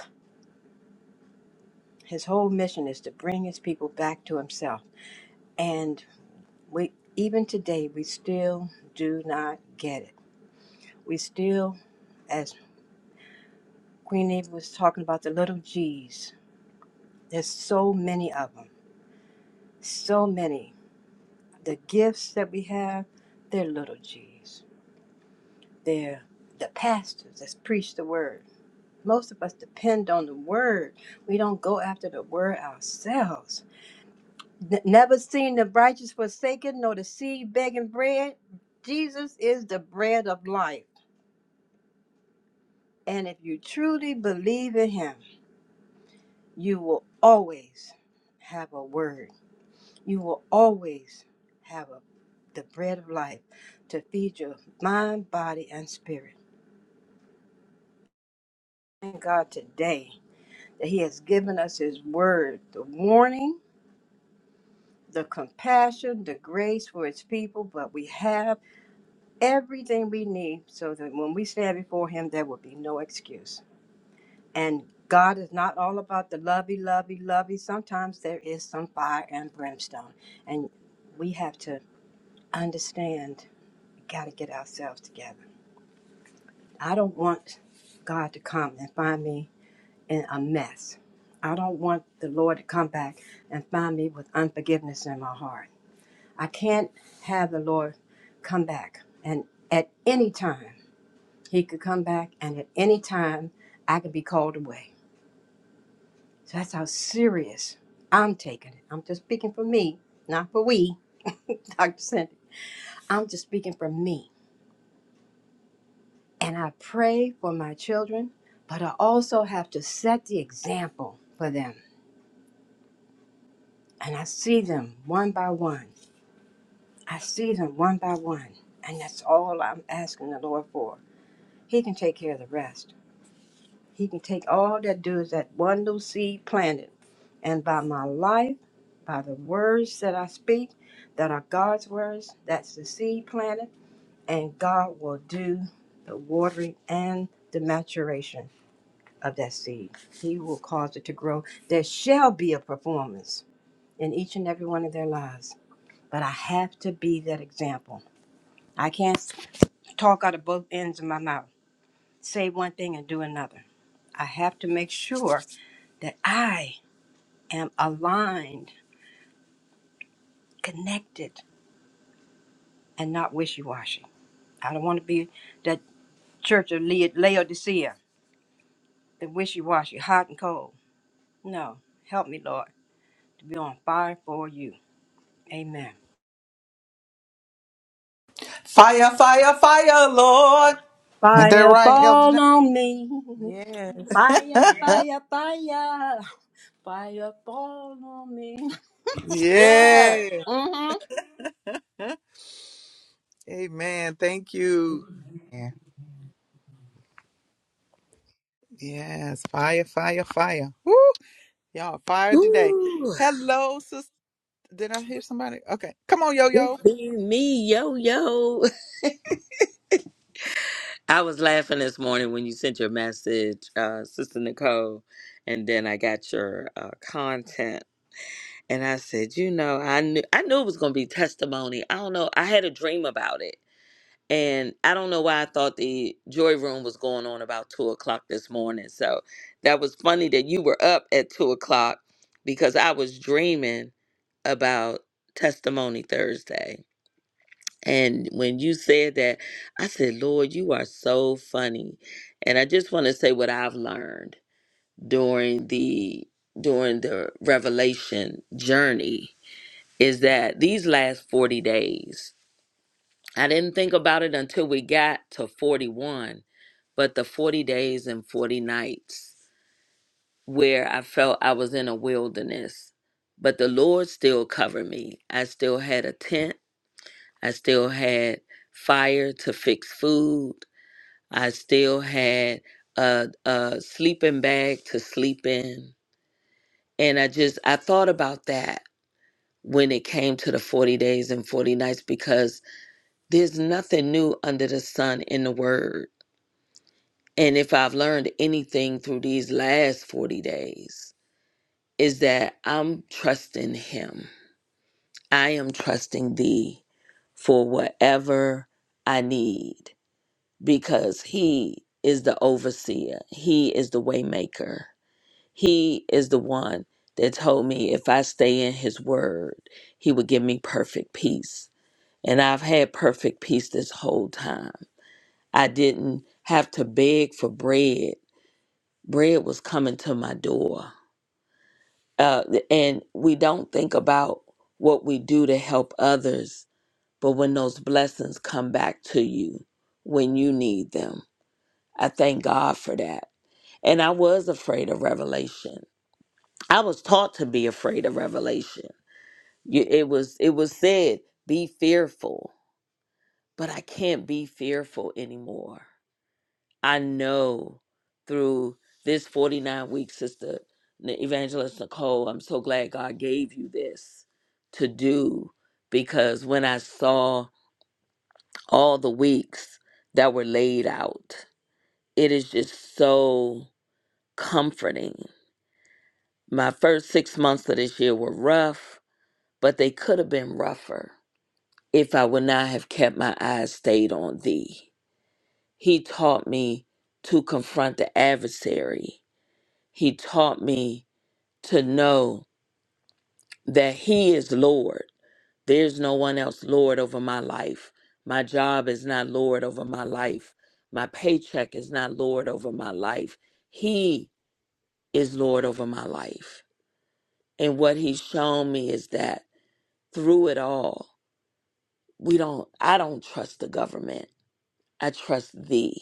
S3: His whole mission is to bring His people back to Himself. And We even today we still do not get it. We still, as Queen Eva was talking about the little G's. There's so many of them. So many. The gifts that we have, they're little G's. They're the pastors that preach the word. Most of us depend on the word. We don't go after the word ourselves. N- never seen the righteous forsaken, nor the seed begging bread. Jesus is the bread of life. And if you truly believe in Him, you will always have a word. You will always have a, the bread of life to feed your mind, body, and spirit. Thank God today that He has given us His word, the warning, the compassion, the grace for His people, but we have everything we need so that when we stand before Him, there will be no excuse. And God is not all about the lovey, lovey, lovey. Sometimes there is some fire and brimstone. And we have to understand, got to get ourselves together. I don't want God to come and find me in a mess. I don't want the Lord to come back and find me with unforgiveness in my heart. I can't have the Lord come back. And at any time, He could come back, and at any time, I could be called away. So that's how serious I'm taking it. I'm just speaking for me, not for we, [laughs] Dr. Cindy. I'm just speaking for me. And I pray for my children, but I also have to set the example for them. And I see them one by one. I see them one by one. And that's all I'm asking the Lord for. He can take care of the rest. He can take all that do is that one little seed planted. And by my life, by the words that I speak, that are God's words, that's the seed planted, and God will do the watering and the maturation of that seed. He will cause it to grow. There shall be a performance in each and every one of their lives. But I have to be that example. I can't talk out of both ends of my mouth, say one thing and do another. I have to make sure that I am aligned, connected, and not wishy washy. I don't want to be that church of Lea- Laodicea, the wishy washy, hot and cold. No, help me, Lord, to be on fire for you. Amen.
S1: Fire, fire, fire, Lord. Ain't that
S3: Fire
S1: right, Elder
S3: fall
S1: John?
S3: on me.
S5: Yes.
S3: Fire,
S1: [laughs]
S3: fire, fire. Fire fall on me. Yeah.
S1: Yeah.
S3: Mm-hmm.
S1: Amen. Thank you.
S5: Yeah.
S1: Yes. Fire, fire, fire. Woo. Y'all fired today.
S8: Ooh,
S1: Hello, sis. Did I hear somebody? Okay. Come on, yo yo.
S8: just be me, yo, yo. [laughs] I was laughing this morning when you sent your message, uh, Sister Nicole, and then I got your uh, content, and I said, you know, I knew I knew it was gonna be testimony. I don't know. I had a dream about it, and I don't know why I thought the joy room was going on about two o'clock this morning. So that was funny that you were up at two o'clock because I was dreaming about Testimony Thursday. And when you said that, I said, Lord, you are so funny. And I just want to say what I've learned during the during the revelation journey is that these last 40 days, I didn't think about it until we got to 41, but the 40 days and 40 nights where I felt I was in a wilderness, but the Lord still covered me. I still had a tent I still had fire to fix food. I still had a, a sleeping bag to sleep in. And I just, I thought about that when it came to the 40 days and 40 nights because there's nothing new under the sun in the word. And if I've learned anything through these last 40 days, is that I'm trusting Him. I am trusting Thee for whatever I need. because he is the overseer. He is the waymaker. He is the one that told me if I stay in his word, he would give me perfect peace. And I've had perfect peace this whole time. I didn't have to beg for bread. Bread was coming to my door. Uh, and we don't think about what we do to help others, but when those blessings come back to you when you need them, I thank God for that And I was afraid of revelation. I was taught to be afraid of revelation. You- It was it was said, be fearful, but I can't be fearful anymore. I know through this 49 week sister N- evangelist Nicole, I'm so glad God gave you this to do because when I saw all the weeks that were laid out, it is just so comforting My first six months of this year were rough, but they could have been rougher if I would not have kept my eyes stayed on thee. He taught me to confront the adversary. He taught me to know that he is Lord. There's no one else Lord over my life. My job is not Lord over my life. My paycheck is not Lord over my life. He is Lord over my life. And what he's shown me is that through it all. we don't i don't trust the government i trust thee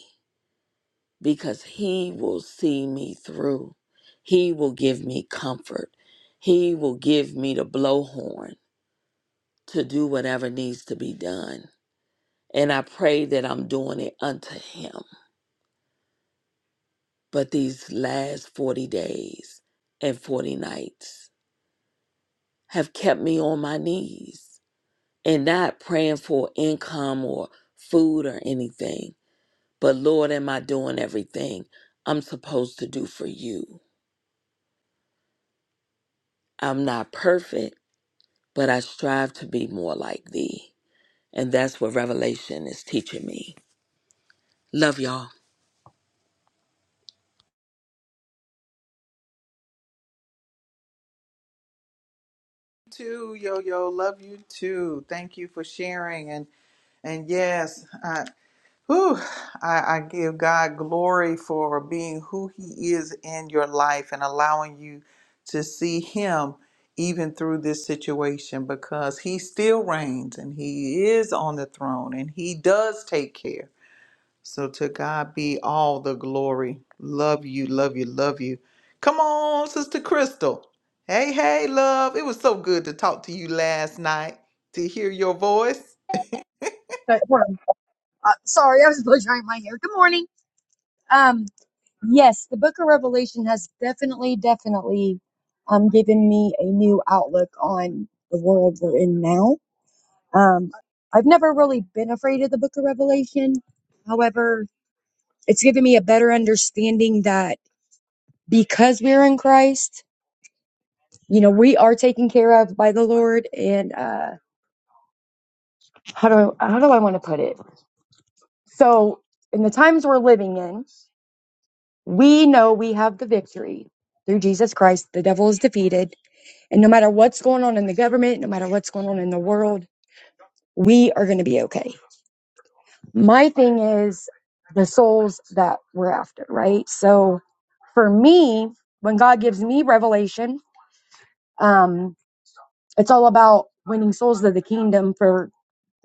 S8: because he will see me through he will give me comfort he will give me the blowhorn to do whatever needs to be done and i pray that i'm doing it unto him but these last 40 days and 40 nights have kept me on my knees and not praying for income or food or anything But Lord, am I doing everything I'm supposed to do for you? I'm not perfect, but I strive to be more like thee. And that's what Revelation is teaching me. Love y'all.
S1: Too yo yo. Love you too. Thank you for sharing and and yes, I whew, I, I give God glory for being who He is in your life and allowing you to see Him even through this situation because He still reigns and He is on the throne and He does take care So to God be all the glory. Love you, love you, love you. Come on, Sister Crystal. Hey, hey, love. It was so good to talk to you last night, to hear your voice.
S9: But, hold on. Uh, sorry, I was [laughs] blow drying my hair. Good morning. Um, yes, the Book of Revelation has definitely, definitely, um, given me a new outlook on the world we're in now. Um, I've never really been afraid of the Book of Revelation. However, it's given me a better understanding that because we're in Christ, you know, we are taken care of by the Lord. And uh, how do I, how do I want to put it? So, in the times we're living in. We know we have the victory through Jesus Christ. The devil is defeated. And no matter what's going on in the government, no matter what's going on in the world, we are going to be okay. My thing is the souls that we're after, right? So for me, when God gives me revelation, um, it's all about winning souls to the kingdom for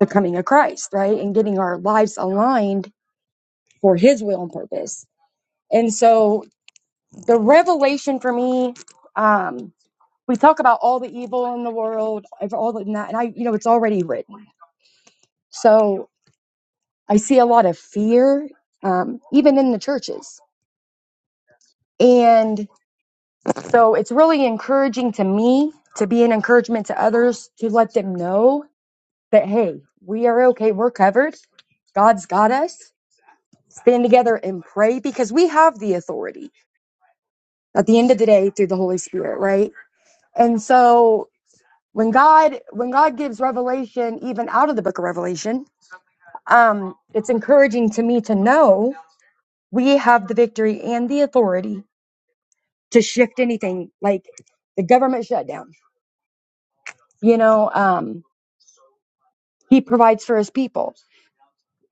S9: the coming of Christ, right? And getting our lives aligned for his will and purpose. And so the revelation for me, um, we talk about all the evil in the world, ev- all in that, and I, you know, it's already written. So I see a lot of fear, um, even in the churches, and so it's really encouraging to me to be an encouragement to others to let them know that hey, we are okay, we're covered. God's got us. Stand together and pray because we have the authority at the end of the day through the Holy Spirit, right? And so when God when God gives revelation even out of the book of Revelation, um, it's encouraging to me to know we have the victory and the authority to shift anything like the government shutdown. You know, um, he provides for his people.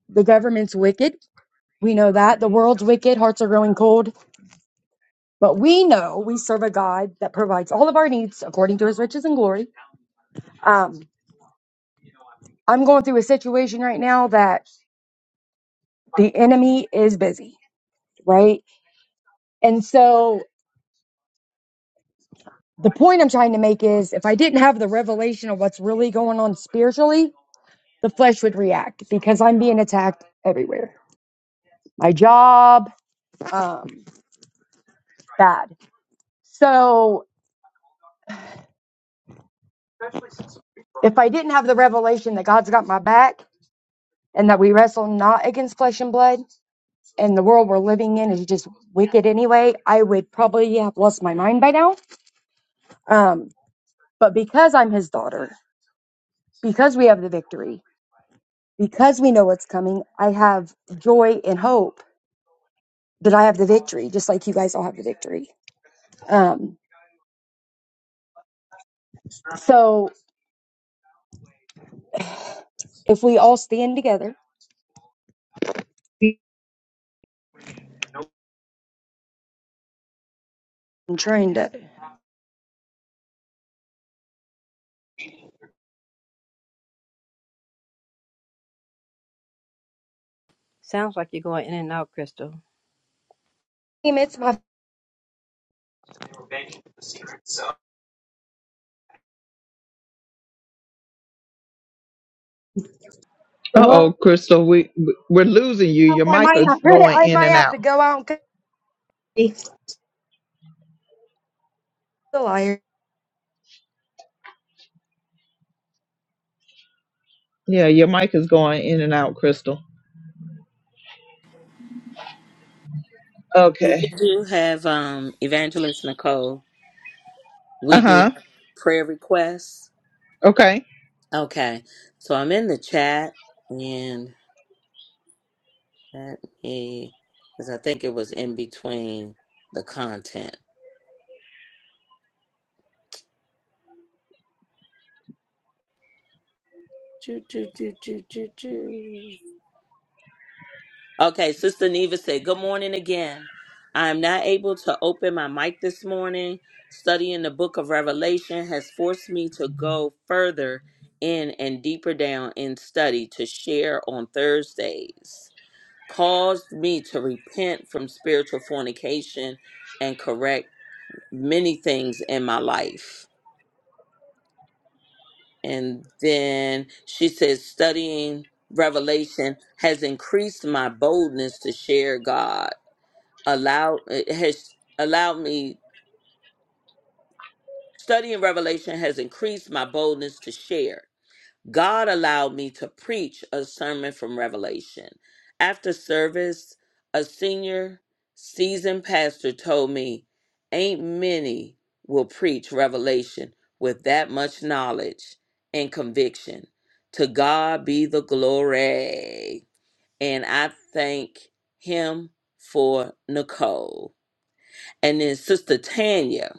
S9: The government's wicked. We know that. The world's wicked. Hearts are growing cold. But we know we serve a God that provides all of our needs according to his riches and glory. Um, I'm going through a situation right now that the enemy is busy, right? And so the point I'm trying to make is if I didn't have the revelation of what's really going on spiritually, the flesh would react because I'm being attacked everywhere. My job, um, bad. So if I didn't have the revelation that God's got my back and that we wrestle not against flesh and blood and the world we're living in is just wicked anyway, I would probably have lost my mind by now. Um, but because I'm his daughter, because we have the victory, because we know what's coming, I have joy and hope but I have the victory, just like you guys all have the victory. Um, so if we all stand together, I'm trying to.
S3: Sounds like you're going in and out, Crystal.
S9: Damn, It's my. [laughs]
S1: Uh oh, Crystal, we we're losing you. Your
S9: I
S1: mic
S9: might
S1: is
S9: have to.
S1: going
S9: I
S1: in
S9: might
S1: and
S9: have
S1: out.
S9: to go out and. cook. It's a liar.
S1: Yeah, your mic is going in and out, Crystal.
S8: We
S1: Okay.
S8: do have um, Evangelist Nicole.
S1: Uh
S8: We do
S1: huh.
S8: have prayer requests.
S1: Okay.
S8: Okay, so I'm in the chat, and let me, because I think it was in between the content. Choo, choo, choo, choo, choo, choo. Okay, Sister Neva said, Good morning again. I am not able to open my mic this morning. Studying the book of Revelation has forced me to go further in and deeper down in study to share on Thursdays, caused me to repent from spiritual fornication and correct many things in my life. And then she says, Studying Revelation has increased my boldness to share God allowed it has allowed me studying revelation has increased my boldness to share god allowed me to preach a sermon from revelation after service a senior seasoned pastor told me ain't many will preach revelation with that much knowledge and conviction to god be the glory and i thank him for nicole And then Sister Tanya,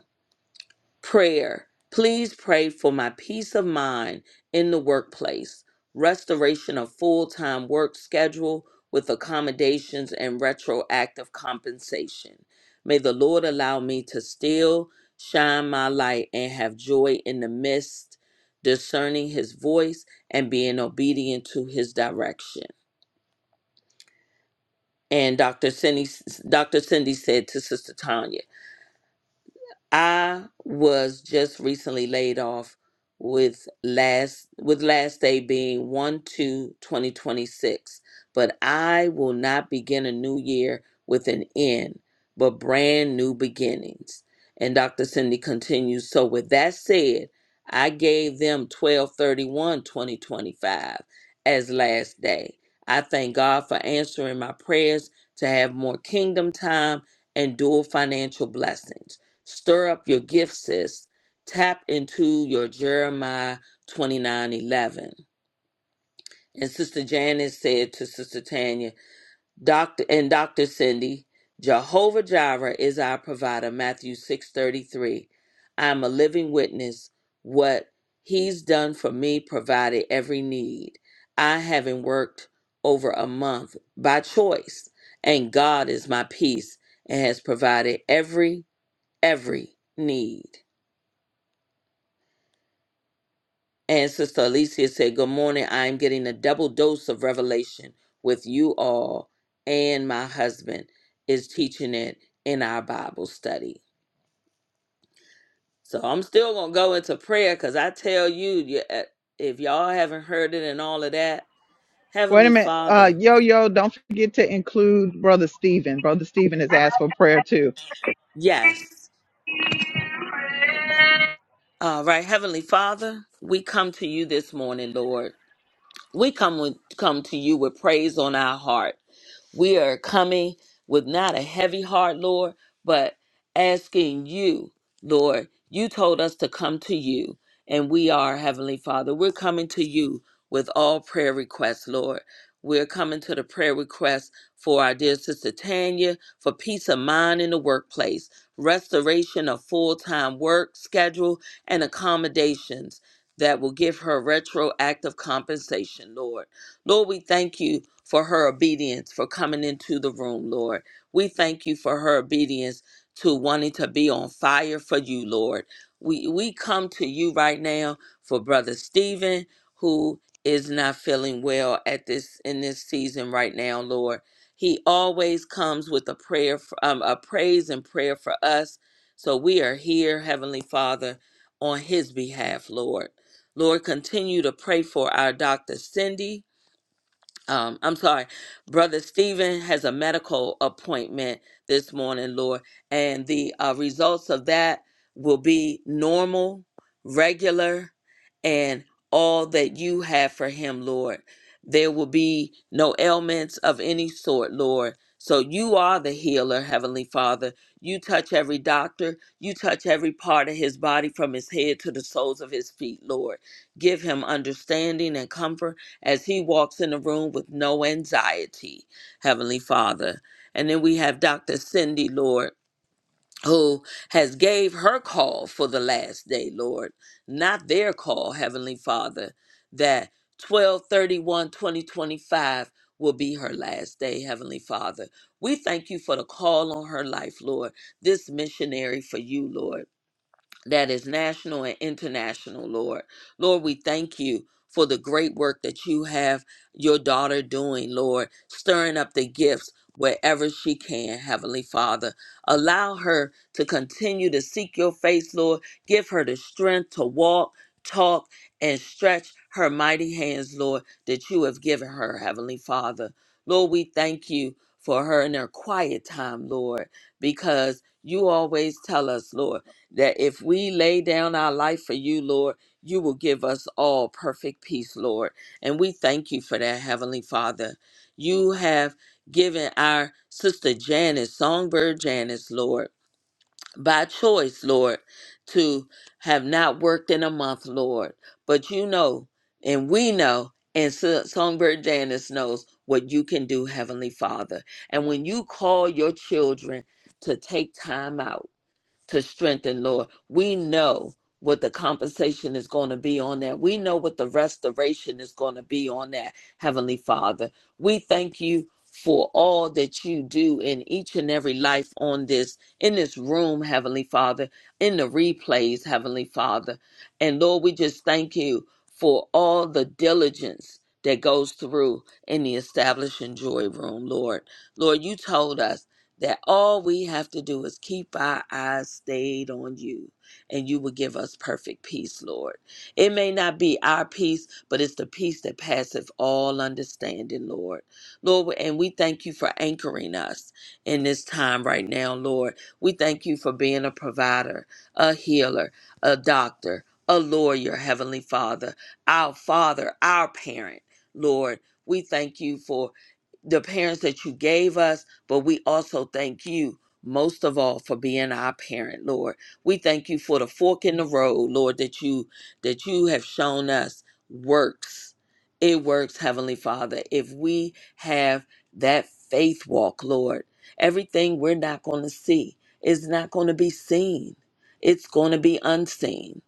S8: prayer. Please pray for my peace of mind in the workplace, restoration of full time work schedule with accommodations and retroactive compensation. May the Lord allow me to still shine my light and have joy in the midst, discerning his voice and being obedient to his direction. And Dr. Cindy, Dr. Cindy said to Sister Tanya, I was just recently laid off with last with last day being 1 2 2026. but i will not begin a new year with an end but brand new beginnings and dr cindy continues so with that said i gave them twelve thirty one twenty twenty five as last day i thank god for answering my prayers to have more kingdom time and dual financial blessings Stir up your gift, sis. Tap into your Jeremiah 29 11. And Sister Janice said to Sister Tanya, Doctor and Dr. Cindy, Jehovah Jireh is our provider, Matthew 6:33. I'm a living witness what he's done for me, provided every need. I haven't worked over a month by choice, and God is my peace and has provided every, every need. And Sister Alicia said, Good morning. I am getting a double dose of revelation with you all, and my husband is teaching it in our Bible study. So I'm still going to go into prayer because I tell you, you- uh, if y'all haven't heard it and all of that,
S1: Wait a
S8: Heavenly
S1: minute. Uh,
S8: Father,
S1: yo, yo, don't forget to include Brother Stephen. Brother Stephen has asked for prayer too.
S8: yes. All right, Heavenly Father, we come to you this morning, Lord. We come with, come to you with praise on our heart. We are coming with not a heavy heart, Lord, but asking you, Lord, you told us to come to you, and we are, Heavenly Father. We're coming to you with all prayer requests, Lord. We're coming to the prayer request for our dear sister Tanya for peace of mind in the workplace, restoration of full time work schedule, and accommodations that will give her retroactive compensation, Lord. Lord, we thank you for her obedience for coming into the room, Lord. We thank you for her obedience to wanting to be on fire for you, Lord. We we come to you right now for brother Stephen who is not feeling well at this in this season right now, Lord. He always comes with a prayer f- um, a praise and prayer for us. So we are here, heavenly Father, on his behalf, Lord. Lord, continue to pray for our Dr. Cindy um, I'm sorry, Brother Stephen has a medical appointment this morning, Lord, and the uh, results of that will be normal, regular, and all that you have for him, Lord. There will be no ailments of any sort, Lord. So you are the healer, Heavenly Father. You touch every doctor, you touch every part of his body from his head to the soles of his feet, Lord. Give him understanding and comfort as he walks in the room with no anxiety, Heavenly Father. And then we have Dr. Cindy, Lord, who has gave her call for the last day, Lord, not their call, Heavenly Father, that 1231 2025 will be her last day, Heavenly Father. We thank you for the call on her life, Lord, this missionary for you, Lord that is national and international, Lord. Lord, we thank you for the great work that you have your daughter doing, Lord, stirring up the gifts wherever she can, Heavenly Father. Allow her to continue to seek your face, Lord. Give her the strength to walk, talk, and stretch her mighty hands, Lord, that you have given her, Heavenly Father. Lord, we thank you for her in her quiet time, Lord, because you always tell us, Lord that if we lay down our life for you, Lord, you will give us all perfect peace, Lord. And we thank you for that, Heavenly Father. You have given our sister Janice, Songbird Janice, Lord, by choice, Lord, to have not worked in a month, Lord. But you know, and we know, and so- Songbird Janice knows what you can do, Heavenly Father. And when you call your children to take time out, to strengthen, Lord. We know what the compensation is going to be on that. We know what the restoration is going to be on that, Heavenly Father. We thank you for all that you do in each and every life on this, in this room, Heavenly Father, in the replays, Heavenly Father. And Lord, we just thank you for all the diligence that goes through in the establishing joy room, Lord. Lord, you told us that all we have to do is keep our eyes stayed on you and you will give us perfect peace lord it may not be our peace but it's the peace that passeth all understanding lord lord and we thank you for anchoring us in this time right now lord we thank you for being a provider a healer a doctor a lawyer heavenly father our father our parent lord we thank you for the parents that you gave us but we also thank you most of all for being our parent, Lord. We thank you for the fork in the road, Lord, that you that you have shown us works. It works, Heavenly Father. If we have that faith walk, Lord, everything we're not going to see is not going to be seen. It's going to be unseen.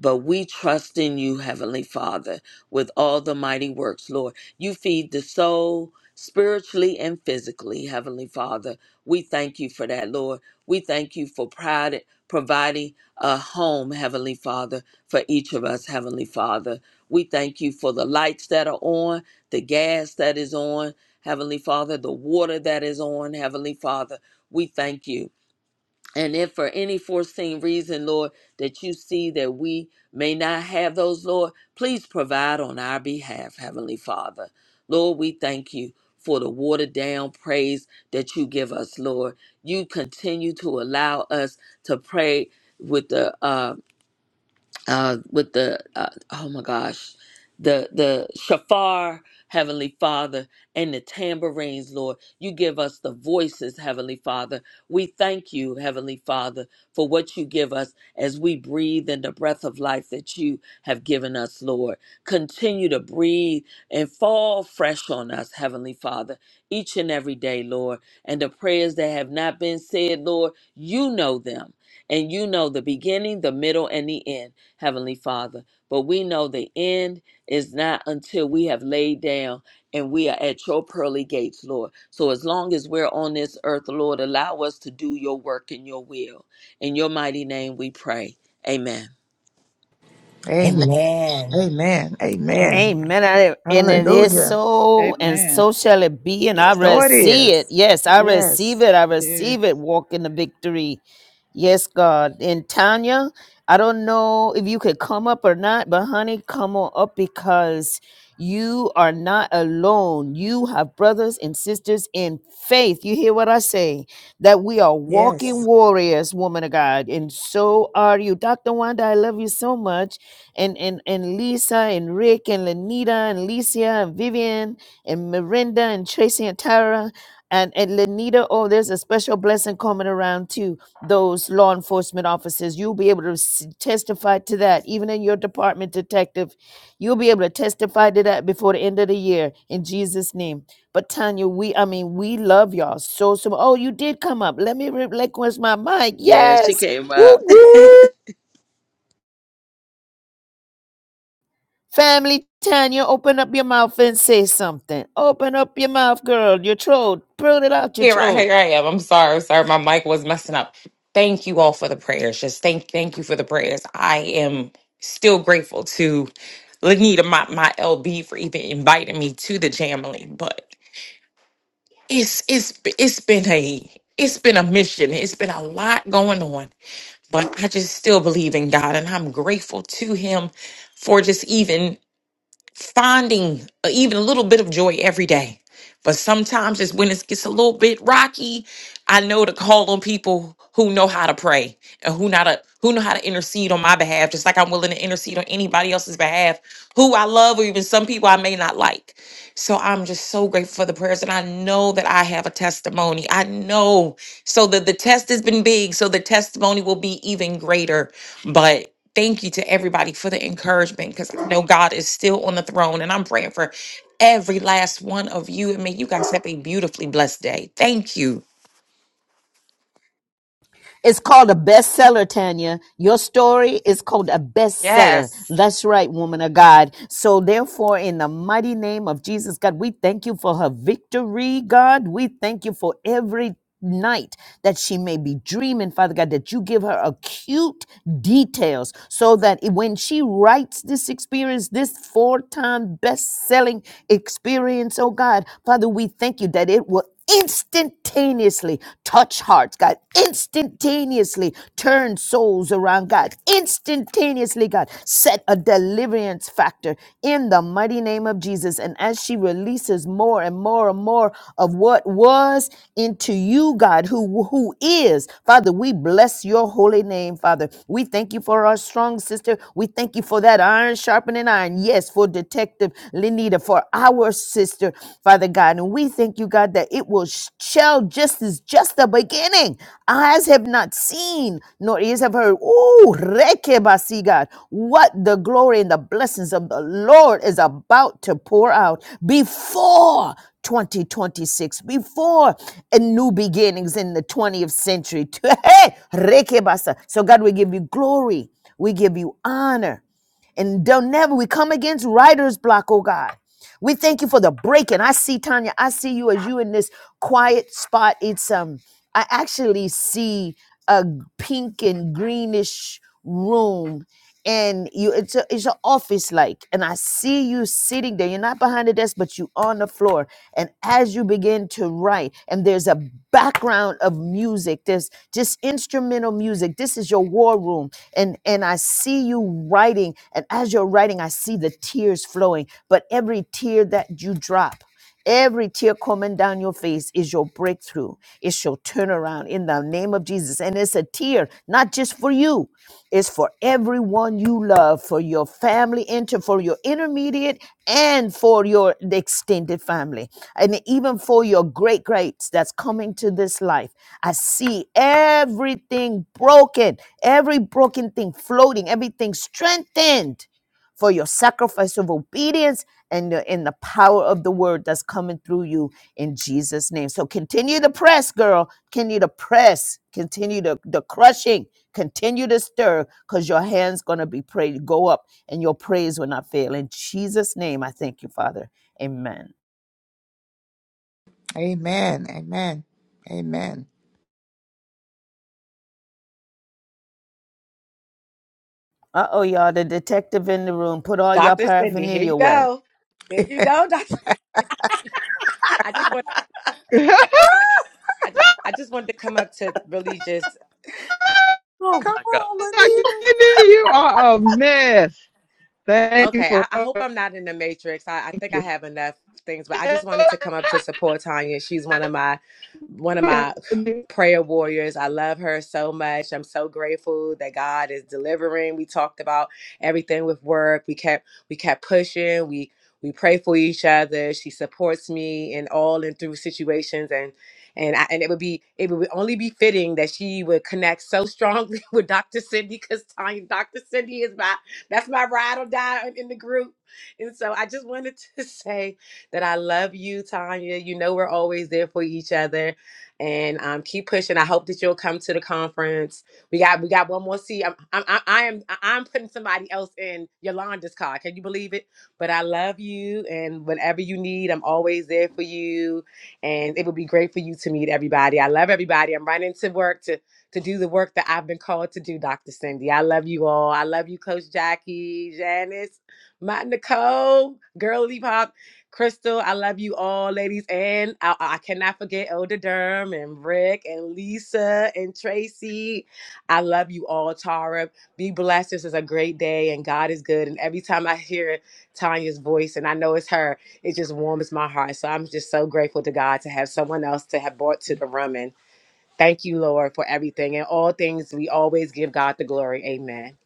S8: But we trust in you, Heavenly Father, with all the mighty works, Lord. You feed the soul, spiritually and physically, Heavenly Father. We thank you for that, Lord. We thank you for pride, providing a home, Heavenly Father, for each of us, Heavenly Father. We thank you for the lights that are on, the gas that is on, Heavenly Father, the water that is on, Heavenly Father. We thank you. And if for any foreseen reason, Lord, that you see that we may not have those, Lord, please provide on our behalf, Heavenly Father. Lord, we thank you for the watered down praise that you give us, Lord. You continue to allow us to pray with the uh uh, with the uh, oh my gosh, the the shafar, Heavenly Father, and the tambourines, Lord. You give us the voices, Heavenly Father. We thank you, Heavenly Father, for what you give us as we breathe in the breath of life that you have given us, Lord. Continue to breathe and fall fresh on us, Heavenly Father, each and every day, Lord. And the prayers that have not been said, Lord, you know them. And you know the beginning, the middle, and the end. Heavenly Father. But we know the end is not until we have laid down and we are at your pearly gates, Lord. So as long as we're on this earth, Lord, allow us to do your work and your will. In your mighty name we pray. Amen.
S5: Amen.
S10: Amen.
S5: Amen.
S10: Amen.
S5: Amen.
S6: Amen. I- And it is
S5: Hallelujah.
S6: so, and
S1: Amen.
S6: so shall it be. And I
S5: So it
S6: receive it.
S5: is.
S6: Yes, I receive
S5: Yes.
S6: it. I
S1: Yes.
S6: receive it. Walk in the victory. Yes, God. And Tanya, I don't know if you could come up or not, but honey, come on up because you are not alone. You have brothers and sisters in faith. You hear what I say? That we are walking
S5: Yes.
S6: warriors, woman of God. And so are you. Dr. Wanda, I love you so much and and and Lisa and Rick and Lenita and Licia and Vivian and Miranda and Tracy and Tara and and Lenita. Oh, there's a special blessing coming around to those law enforcement officers. You'll be able to s- testify to that, even in your department, detective. You'll be able to testify to that before the end of the year in Jesus' name. But Tanya, we I mean we love y'all so so. Oh, you did come up. Let me relinquish my mic.
S8: Yeah, she
S6: Yes.
S8: came
S6: Woo
S8: up. [laughs]
S6: woo. Family Tanya, open up your mouth and say something. Open up your mouth, girl. Your throat. Pull it out your
S11: Here I
S6: throat.
S11: here I am. I'm sorry, sir. My mic was messing up. Thank you all for the prayers. Just thank thank you for the prayers. I am still grateful to Lanita, my, my LB, for even inviting me to the Jamily. But it's it's it's been a it's been a mission. It's been a lot going on. But I just still believe in God and I'm grateful to him for just even finding uh, even a little bit of joy every day. But sometimes it's when it gets a little bit rocky. I know to call on people who know how to pray and who not a, who know how to intercede on my behalf, just like I'm willing to intercede on anybody else's behalf, who I love or even some people I may not like. So I'm just so grateful for the prayers, and I know that I have a testimony. I know so that the test has been big, so the testimony will be even greater. But thank you to everybody for the encouragement because I know God is still on the throne and I'm praying for every last one of you. And may you guys have a beautifully blessed day. Thank you.
S6: It's called a bestseller, Tanya. Your story is called a bestseller.
S11: Yes.
S6: That's right, woman of God. So, therefore, in the mighty name of Jesus, God, we thank you for her victory, God. We thank you for every night that she may be dreaming, Father God, that you give her acute details so that it- when she writes this experience, this four time best selling experience, oh God, Father, we thank you that it will instantaneously touch hearts, God, instantaneously turn souls around, God, instantaneously, God, set a deliverance factor in the mighty name of Jesus. And as she releases more and more and more of what was into you, God, who, who is, Father, we bless your holy name, Father. We thank you for our strong sister. We thank you for that iron sharpening iron. Yes, for Detective Lenita Father, for our sister, Father God. And we thank you, God, that it will shall just is just the beginning. Eyes have not seen, nor ears have heard. Ooh, rekebasi, God, what the glory and the blessings of the Lord is about to pour out before 2026 before a new beginnings in the 20th century. [laughs] Hey, rekebasa. so God, we give you glory. We give you honor. And don't never, we come against writer's block, oh God. We thank you for the breaking. I see Tanya. I see you as you in this quiet spot. It's um, I actually see a pink and greenish room, and you. It's a, it's an office like, and I see you sitting there. You're not behind the desk, but you on the floor. And as you begin to write, and there's a background of music there's just instrumental music this is your war room and and i see you writing and as you're writing i see the tears flowing but every tear that you drop Every tear coming down your face is your breakthrough. It's your turnaround in the name of Jesus. And it's a tear, not just for you. Is for everyone you love, for your family, inter, for your intermediate, and for your extended family, and even for your great greats that's coming to this life. I see everything broken, every broken thing floating, everything strengthened for your sacrifice of obedience and the, and the power of the word that's coming through you in Jesus' name. So continue to press, girl. Continue to press. Continue the, the crushing. Continue to stir because your hand's going to be prayed. Go up and your praise will not fail. In Jesus' name, I thank you, Father. Amen.
S5: Amen. Amen. Amen.
S6: Uh oh, y'all. The detective in the room. Put all your
S12: Dr. Cindy, here
S6: paraphernalia
S12: you
S6: away.
S12: go.
S5: [laughs]
S12: There you
S5: Come
S12: go, [laughs] Doctor. I just want I just I just wanted to come up to really just
S1: [laughs]
S8: oh my
S1: Dr.
S5: on, Lanita.
S1: Cindy, you are a mess. Thank you
S12: Okay,
S1: for
S12: I, I
S1: coming.
S12: hope I'm not in the matrix. I, I think I have enough things, but I just wanted to come up to support Tanya. She's one of my one of my prayer warriors. I love her so much. I'm so grateful that God is delivering. We talked about everything with work. We kept we kept pushing. We we pray for each other. She supports me in all and through situations and and I, and it would be it would only be fitting that she would connect so strongly [laughs] with Dr. Cindy because Tanya Dr. Cindy is my that's my ride or die in the group. And so I just wanted [laughs] to say that I love you, Tanya. You know we're always there for each other. And um, keep pushing. I hope that you'll come to the conference. We got we got one more seat. I'm I'm I I am I'm putting somebody else in Yolanda's car. Can you believe it? But I love you, and whatever you need, I'm always there for you. And it would be great for you to meet everybody. I love everybody. I'm running to work to to do the work that I've been called to do, Dr. Cindy. I love you all. I love you, Coach Jackie, Janice, my Nicole, Girly Pop, Crystal. I love you all, ladies. And I, I cannot forget Elder Durham and Rick and Lisa and Tracy. I love you all, Tara. Be blessed. This is a great day and God is good. And every time I hear Tanya's voice and I know it's her, it just warms my heart. So I'm just so grateful to God to have someone else to have brought to the room. And Thank you, Lord, for everything. and all things, we always give God the glory. Amen.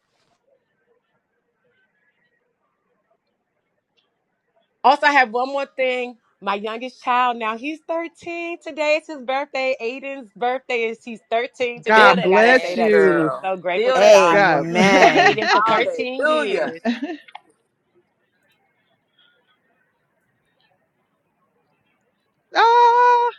S12: Also, I have one more thing. My youngest child, now he's 13 today. It's his birthday. Aiden's birthday is he's 13 today.
S8: feel
S12: I
S1: God
S8: that
S12: forgot to
S1: bless
S12: say
S8: bang,
S12: that too.
S1: you.
S8: girl.
S12: I'm so grateful
S8: Feel
S12: to
S8: that
S12: God for,
S1: God. [laughs]
S12: for
S6: Amen.
S12: Aiden for
S8: bang.
S12: 13
S8: Hallelujah.
S12: years.
S1: oh,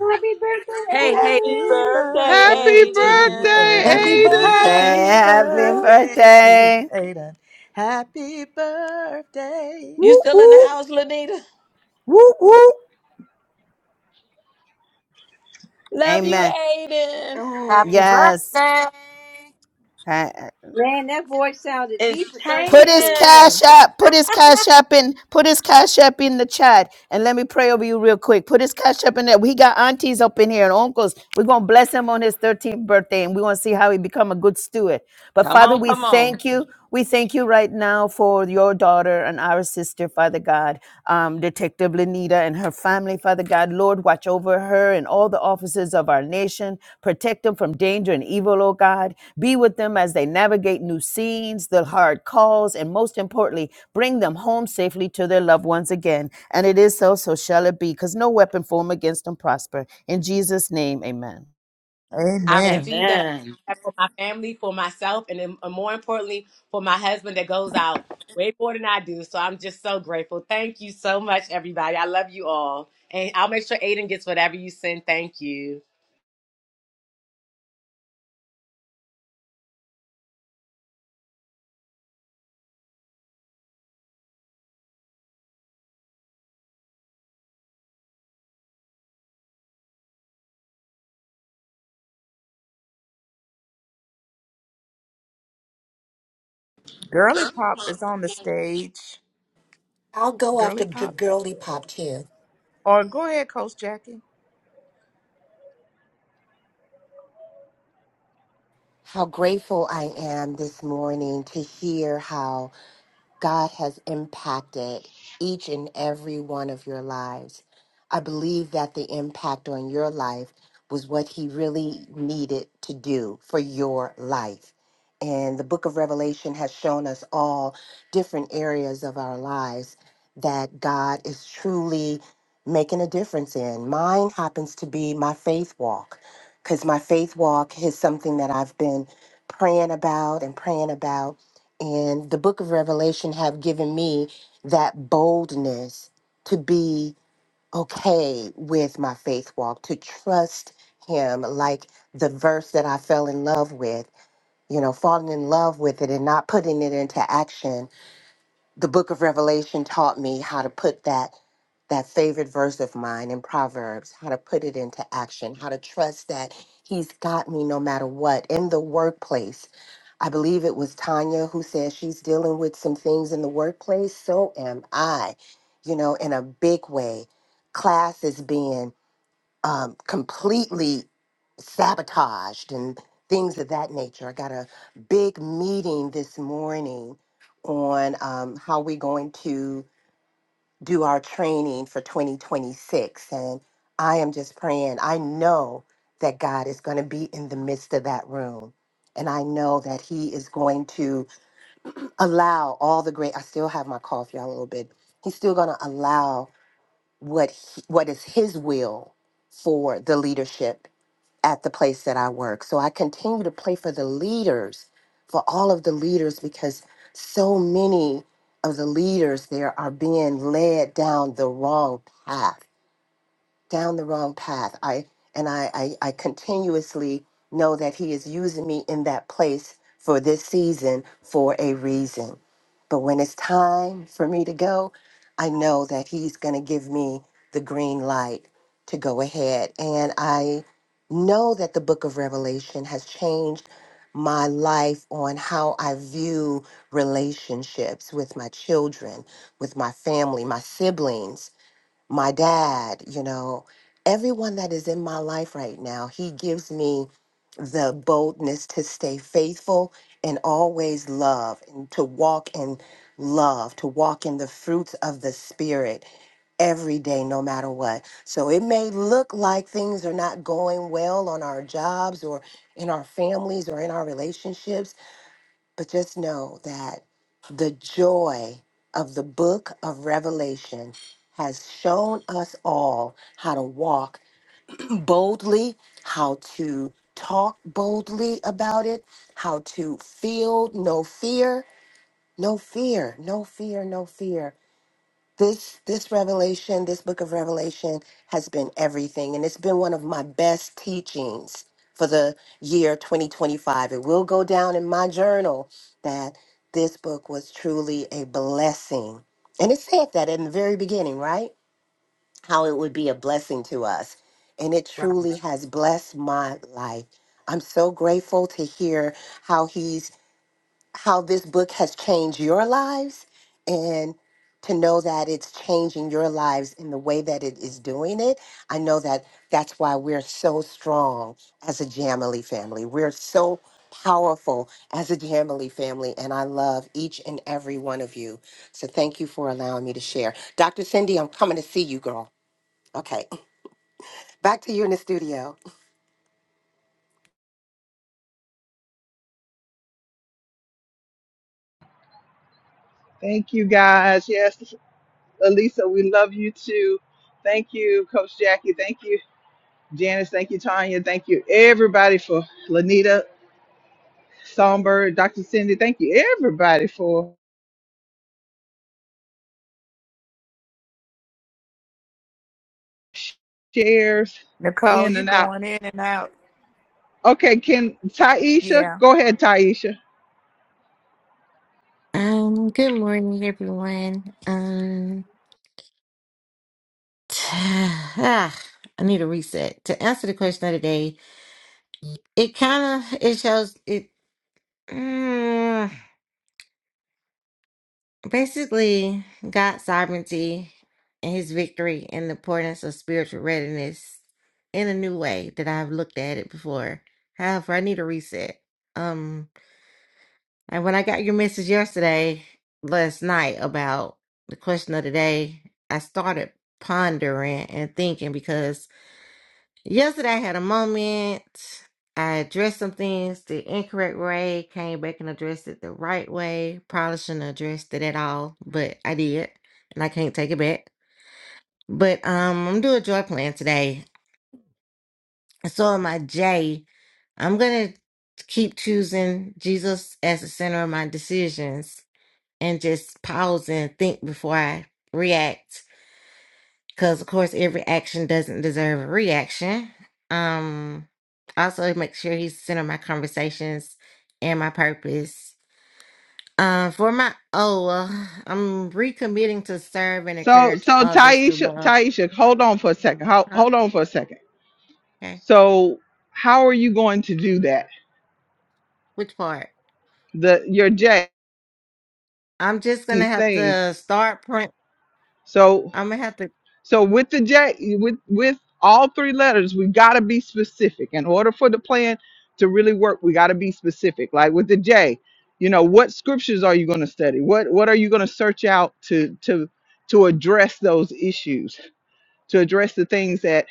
S3: Happy birthday,
S12: Hey, hey.
S8: Happy
S5: Happy
S3: Aiden!
S8: birthday,
S1: happy
S5: birthday to
S1: birthday,
S5: Aiden.
S8: Aiden.
S10: Happy
S6: Mm,
S1: Aiden.
S10: birthday,
S5: Happy
S6: Happy
S10: Angel.
S5: birthday to
S6: birthday.
S5: Aiden. Happy birthday.
S8: You
S6: Whoop,
S8: still in the
S6: whoop,
S8: house, Lanita?
S6: whoop, whoop.
S8: Love you,
S6: Amen.
S8: Aiden.
S2: Happy
S6: Yes.
S2: birthday.
S6: Ha-
S3: Man, that voice sounded deep
S8: It's
S3: for
S6: Put his
S3: 13.
S8: changing.
S6: cash app, put his cash app in, put his cash app in the chat. And let me pray over you real quick. Put his cash app in there. We got aunties up in here and uncles. We're gonna bless him on his 13th birthday and we're gonna see how he become a good steward. But
S8: Come
S6: Father,
S8: on,
S6: we
S8: come on.
S6: thank you. We thank you right now for your daughter and our sister, Father God, um, Detective Lenita and her family, Father God. Lord, watch over her and all the officers of our nation. Protect them from danger and evil, oh God. Be with them as they navigate new scenes, the hard calls, and most importantly, bring them home safely to their loved ones again. And it is so, so shall it be, because no weapon formed against them prosper. In Jesus' name, amen.
S12: I
S5: Amen.
S12: receive that
S8: Amen.
S12: I- for my family, for myself, and then, uh, more importantly, for my husband that goes out way more than I do. So I'm just so grateful. Thank you so much, everybody. I love you all. And I'll make sure Aiden gets whatever you send. Thank you.
S5: Girly Pop is on the stage.
S10: I'll go
S5: Girly
S10: after the
S5: Pop?
S10: girly pop too.
S5: Or go ahead, Coach Jackie.
S10: How grateful I am this morning to hear how. God has impacted each and every one of your lives. I believe that the impact on your life was what he really needed to do for your life. And the book of Revelation has shown us all different areas of our lives that God is truly making a difference in. Mine happens to be my faith walk, because my faith walk is something that I've been praying about and praying about and the book of revelation have given me that boldness to be okay with my faith walk to trust him like the verse that i fell in love with you know falling in love with it and not putting it into action the book of revelation taught me how to put that that favorite verse of mine in proverbs how to put it into action how to trust that he's got me no matter what in the workplace i believe it was tanya who said she's dealing with some things in the workplace so am i you know in a big way class is being um, completely sabotaged and things of that nature. I got a big meeting this morning on um, how we're going to do our training for 2026. And I am just praying. I know that God is going to be in the midst of that room. And I know that He is going to allow all the great, I still have my cough, y'all, a little bit. He's still going to allow what he, what is his will for the leadership at the place that I work. So I continue to pray for the leaders, for all of the leaders, because so many of the leaders there are being led down the wrong path down the wrong path. I and I, I I continuously know that he is using me in that place for this season for a reason. But when it's time for me to go, I know that he's going to give me the green light to go ahead. And I know that the book of Revelation has changed my life on how I view relationships with my children, with my family, my siblings my dad, you know, everyone that is in my life right now, he gives me the boldness to stay faithful and always love and to walk in love, to walk in the fruits of the Spirit every day, no matter what. So it may look like things are not going well on our jobs or in our families or in our relationships but just know that the joy of the book of Revelation has shown us all how to walk boldly, how to talk boldly about it, how to feel no fear, no fear, no fear, no fear this this revelation this book of revelation has been everything and it's been one of my best teachings for the year 2025 it will go down in my journal that this book was truly a blessing and it said that in the very beginning right how it would be a blessing to us and it truly has blessed my life i'm so grateful to hear how he's how this book has changed your lives and to know that it's changing your lives in the way that it is doing it. I know that that's why we're so strong as a Jamily family. We're so powerful as a Jamily family, and I love each and every one of you. So thank you for allowing me to share. Dr. Cindy, I'm coming to see you, girl. Okay, [clears throat] [laughs] back to you in the studio.
S1: Thank you guys. Yes, Elisa, we love you too. Thank you, Coach Jackie. Thank you, Janice. Thank you, Tanya. Thank you, everybody, for Lanita, Songbird, Dr. Cindy. Thank you, everybody, for shares
S5: Nicole,
S1: in
S5: you
S1: and out.
S5: going in and out.
S1: Okay, can Taisha
S5: Yeah.
S1: go ahead, Taisha?
S13: Um, good morning, everyone. Um, [sighs] ah, I need a reset. To answer the question of the day, it kind of it shows it mm, basically God's sovereignty and His victory and the importance of spiritual readiness in a new way that I've looked at it before. However, I need a reset. Um. And when I got your message yesterday, last night, about the question of the day, I started pondering and thinking because yesterday I had a moment. I addressed some things the incorrect way, came back and addressed it the right way. Probably shouldn't have addressed it at all, but I did, and I can't take it back. But um, I'm doing a joy plan today. So on my J, I'm gonna keep choosing Jesus as the center of my decisions and just pause and think before I react. Because, of course, every action doesn't deserve a reaction. Um, also, make sure he's center my conversations and my purpose. Uh, for my oh, well, I'm recommitting to serve and
S1: So,
S13: encourage
S1: so
S13: others to
S1: Taisha,
S13: love.
S1: Taisha, hold on for a second. Hold,
S13: Huh?
S1: hold on for a second.
S13: Okay,
S1: So, how are you going to do that?
S13: which part?
S1: The your J
S13: I'm just gonna
S1: these
S13: have
S1: things.
S13: to start print.
S1: So,
S13: I'm gonna have to.
S1: so with the J, with with all three letters, we got to be specific. In order for the plan to really work, we got to be specific. Like with the J, you know, what scriptures are you going to study? What what are you going to search out to to to address those issues? To address the things that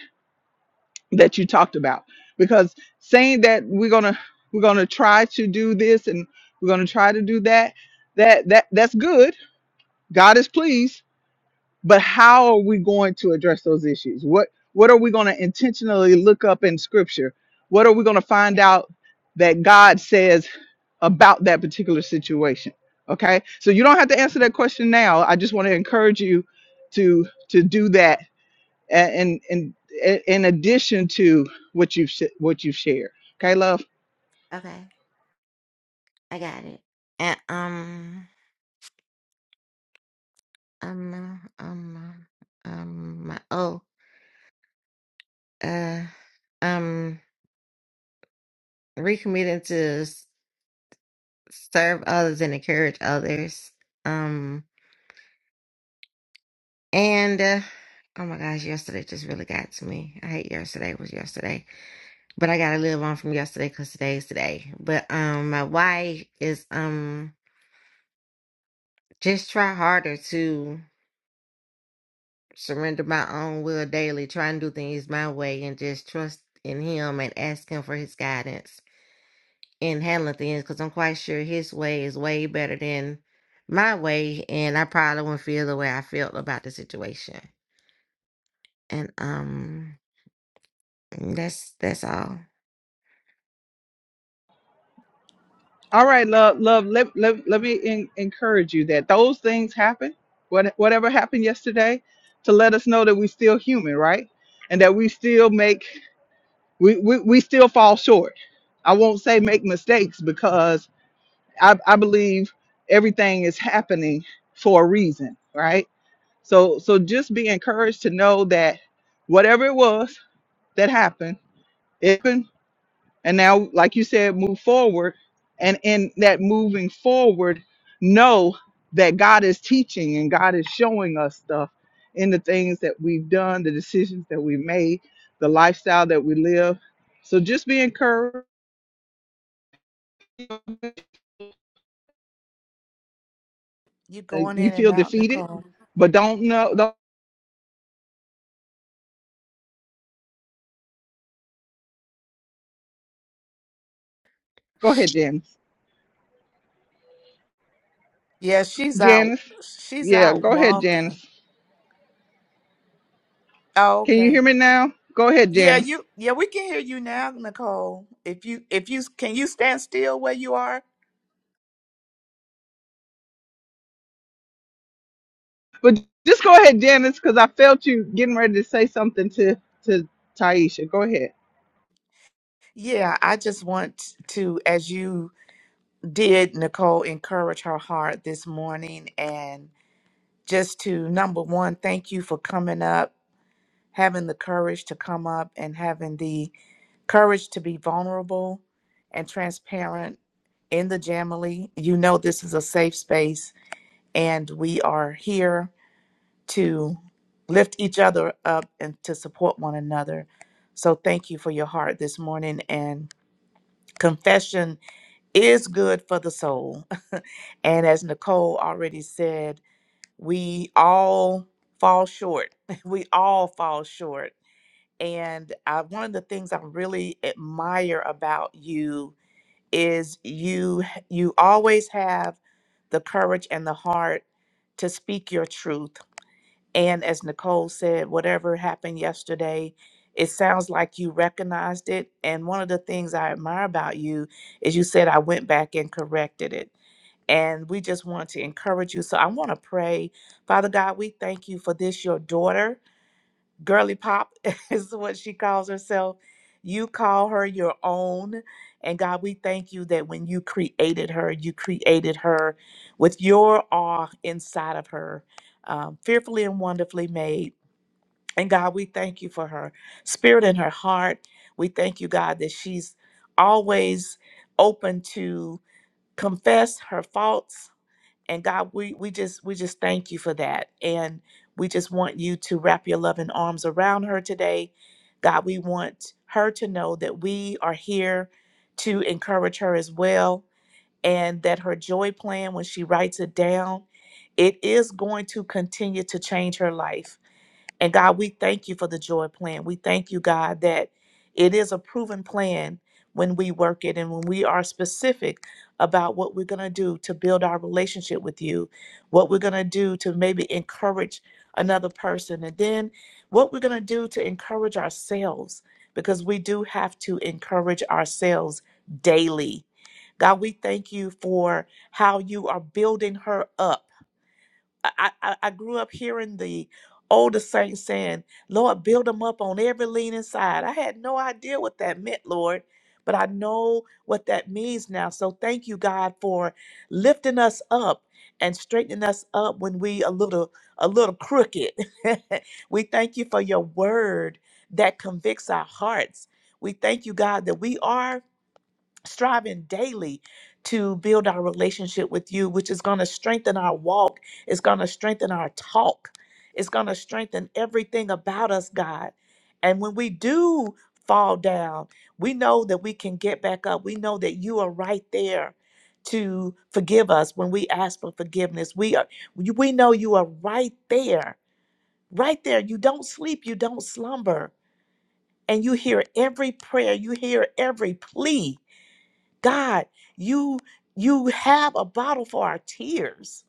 S1: that you talked about because saying that we're going to we're going to try to do this and we're going to try to do that that that that's good god is pleased but how are we going to address those issues what what are we going to intentionally look up in scripture what are we going to find out that god says about that particular situation okay so you don't have to answer that question now i just want to encourage you to to do that and and in addition to what you've sh- what you've shared okay love
S13: Okay, I got it. And um, um, uh, um, uh, um, my oh. Uh, um, recommitting to s- serve others and encourage others. Um, and uh, oh my gosh, yesterday just really got to me. I hate yesterday was yesterday, but I gotta live on from yesterday because today's today. But um, my wife is um just try harder to surrender my own will daily, try and do things my way, and just trust in Him and ask Him for His guidance in handling things because I'm quite sure his way is way better than my way, and I probably wouldn't feel the way I felt about the situation. And um, that's that's all.
S1: all right love love let, let, let me en- encourage you that those things happen what, whatever happened yesterday to let us know that we're still human right and that we still make we, we, we still fall short i won't say make mistakes because i, I believe everything is happening for a reason right So so just be encouraged to know that whatever it was that happened, it happened, and now like you said, move forward. And in that moving forward, know that God is teaching and God is showing us stuff in the things that we've done, the decisions that we made, the lifestyle that we live. So just be encouraged. Uh,
S5: You going
S1: You
S5: in and
S1: feel
S5: out,
S1: defeated,
S5: Nicole?
S1: but don't know. Don't go ahead, Janice.
S5: Yeah, she's out.
S1: Janice,
S5: She's
S1: yeah,
S5: out
S1: go ahead, Janice.
S5: walking. Oh,
S1: Can you
S5: okay.
S1: hear me now? Go ahead,
S5: Yeah,
S1: Janice.
S5: you. Yeah, we can hear you now, Nicole. If you, if you, can you stand still where you are?
S1: But just go ahead, Janice, because I felt you getting ready to say something to to Taisha. Go ahead.
S5: Yeah, I just want to, as you did, Nicole, encourage her heart this morning, and just to number one, thank you for coming up, having the courage to come up, and having the courage to be vulnerable and transparent in the Jamily. You know, this is a safe space, and we are here to lift each other up and to support one another. So, thank you for your heart this morning. And confession is good for the soul. [laughs] And as Nicole already said, we all fall short. [laughs] We all fall short. And uh, one of the things I really admire about you is you you always have the courage and the heart to speak your truth and as nicole said whatever happened yesterday it sounds like you recognized it and one of the things i admire about you is you said i went back and corrected it and we just want to encourage you so i want to pray father god we thank you for this your daughter Girly Pop [laughs] is what she calls herself. You call her your own. And God, we thank you that when you created her, you created her with your awe inside of her, um, fearfully and wonderfully made. And God, we thank you for her spirit and her heart. We thank you, God, that she's always open to confess her faults, and God, we we just we just thank you for that, and we just want you to wrap your loving arms around her today, God. We want her to know that we are here to encourage her as well, and that her joy plan, when she writes it down, it is going to continue to change her life and God, we thank you for the joy plan. We thank you, God, that it is a proven plan when we work it and when we are specific about what we're going to do to build our relationship with you, what we're going to do to maybe encourage another person, and then what we're going to do to encourage ourselves, because we do have to encourage ourselves daily. God, we thank you for how you are building her up I, I, I grew up hearing the older saints saying, Lord, build them up on every leaning side. I had no idea what that meant, Lord, but I know what that means now. So thank you, God, for lifting us up and straightening us up when we a little a little crooked. [laughs] we thank you for your word that convicts our hearts. We thank you, God, that we are striving daily to build our relationship with you, which is going to strengthen our walk, it's going to strengthen our talk, it's going to strengthen everything about us, God. And when we do fall down, we know that we can get back up. We know that you are right there to forgive us when we ask for forgiveness. We are we know you are right there. Right there. You don't sleep, you don't slumber, and you hear every prayer, you hear every plea God, you you have a bottle for our tears.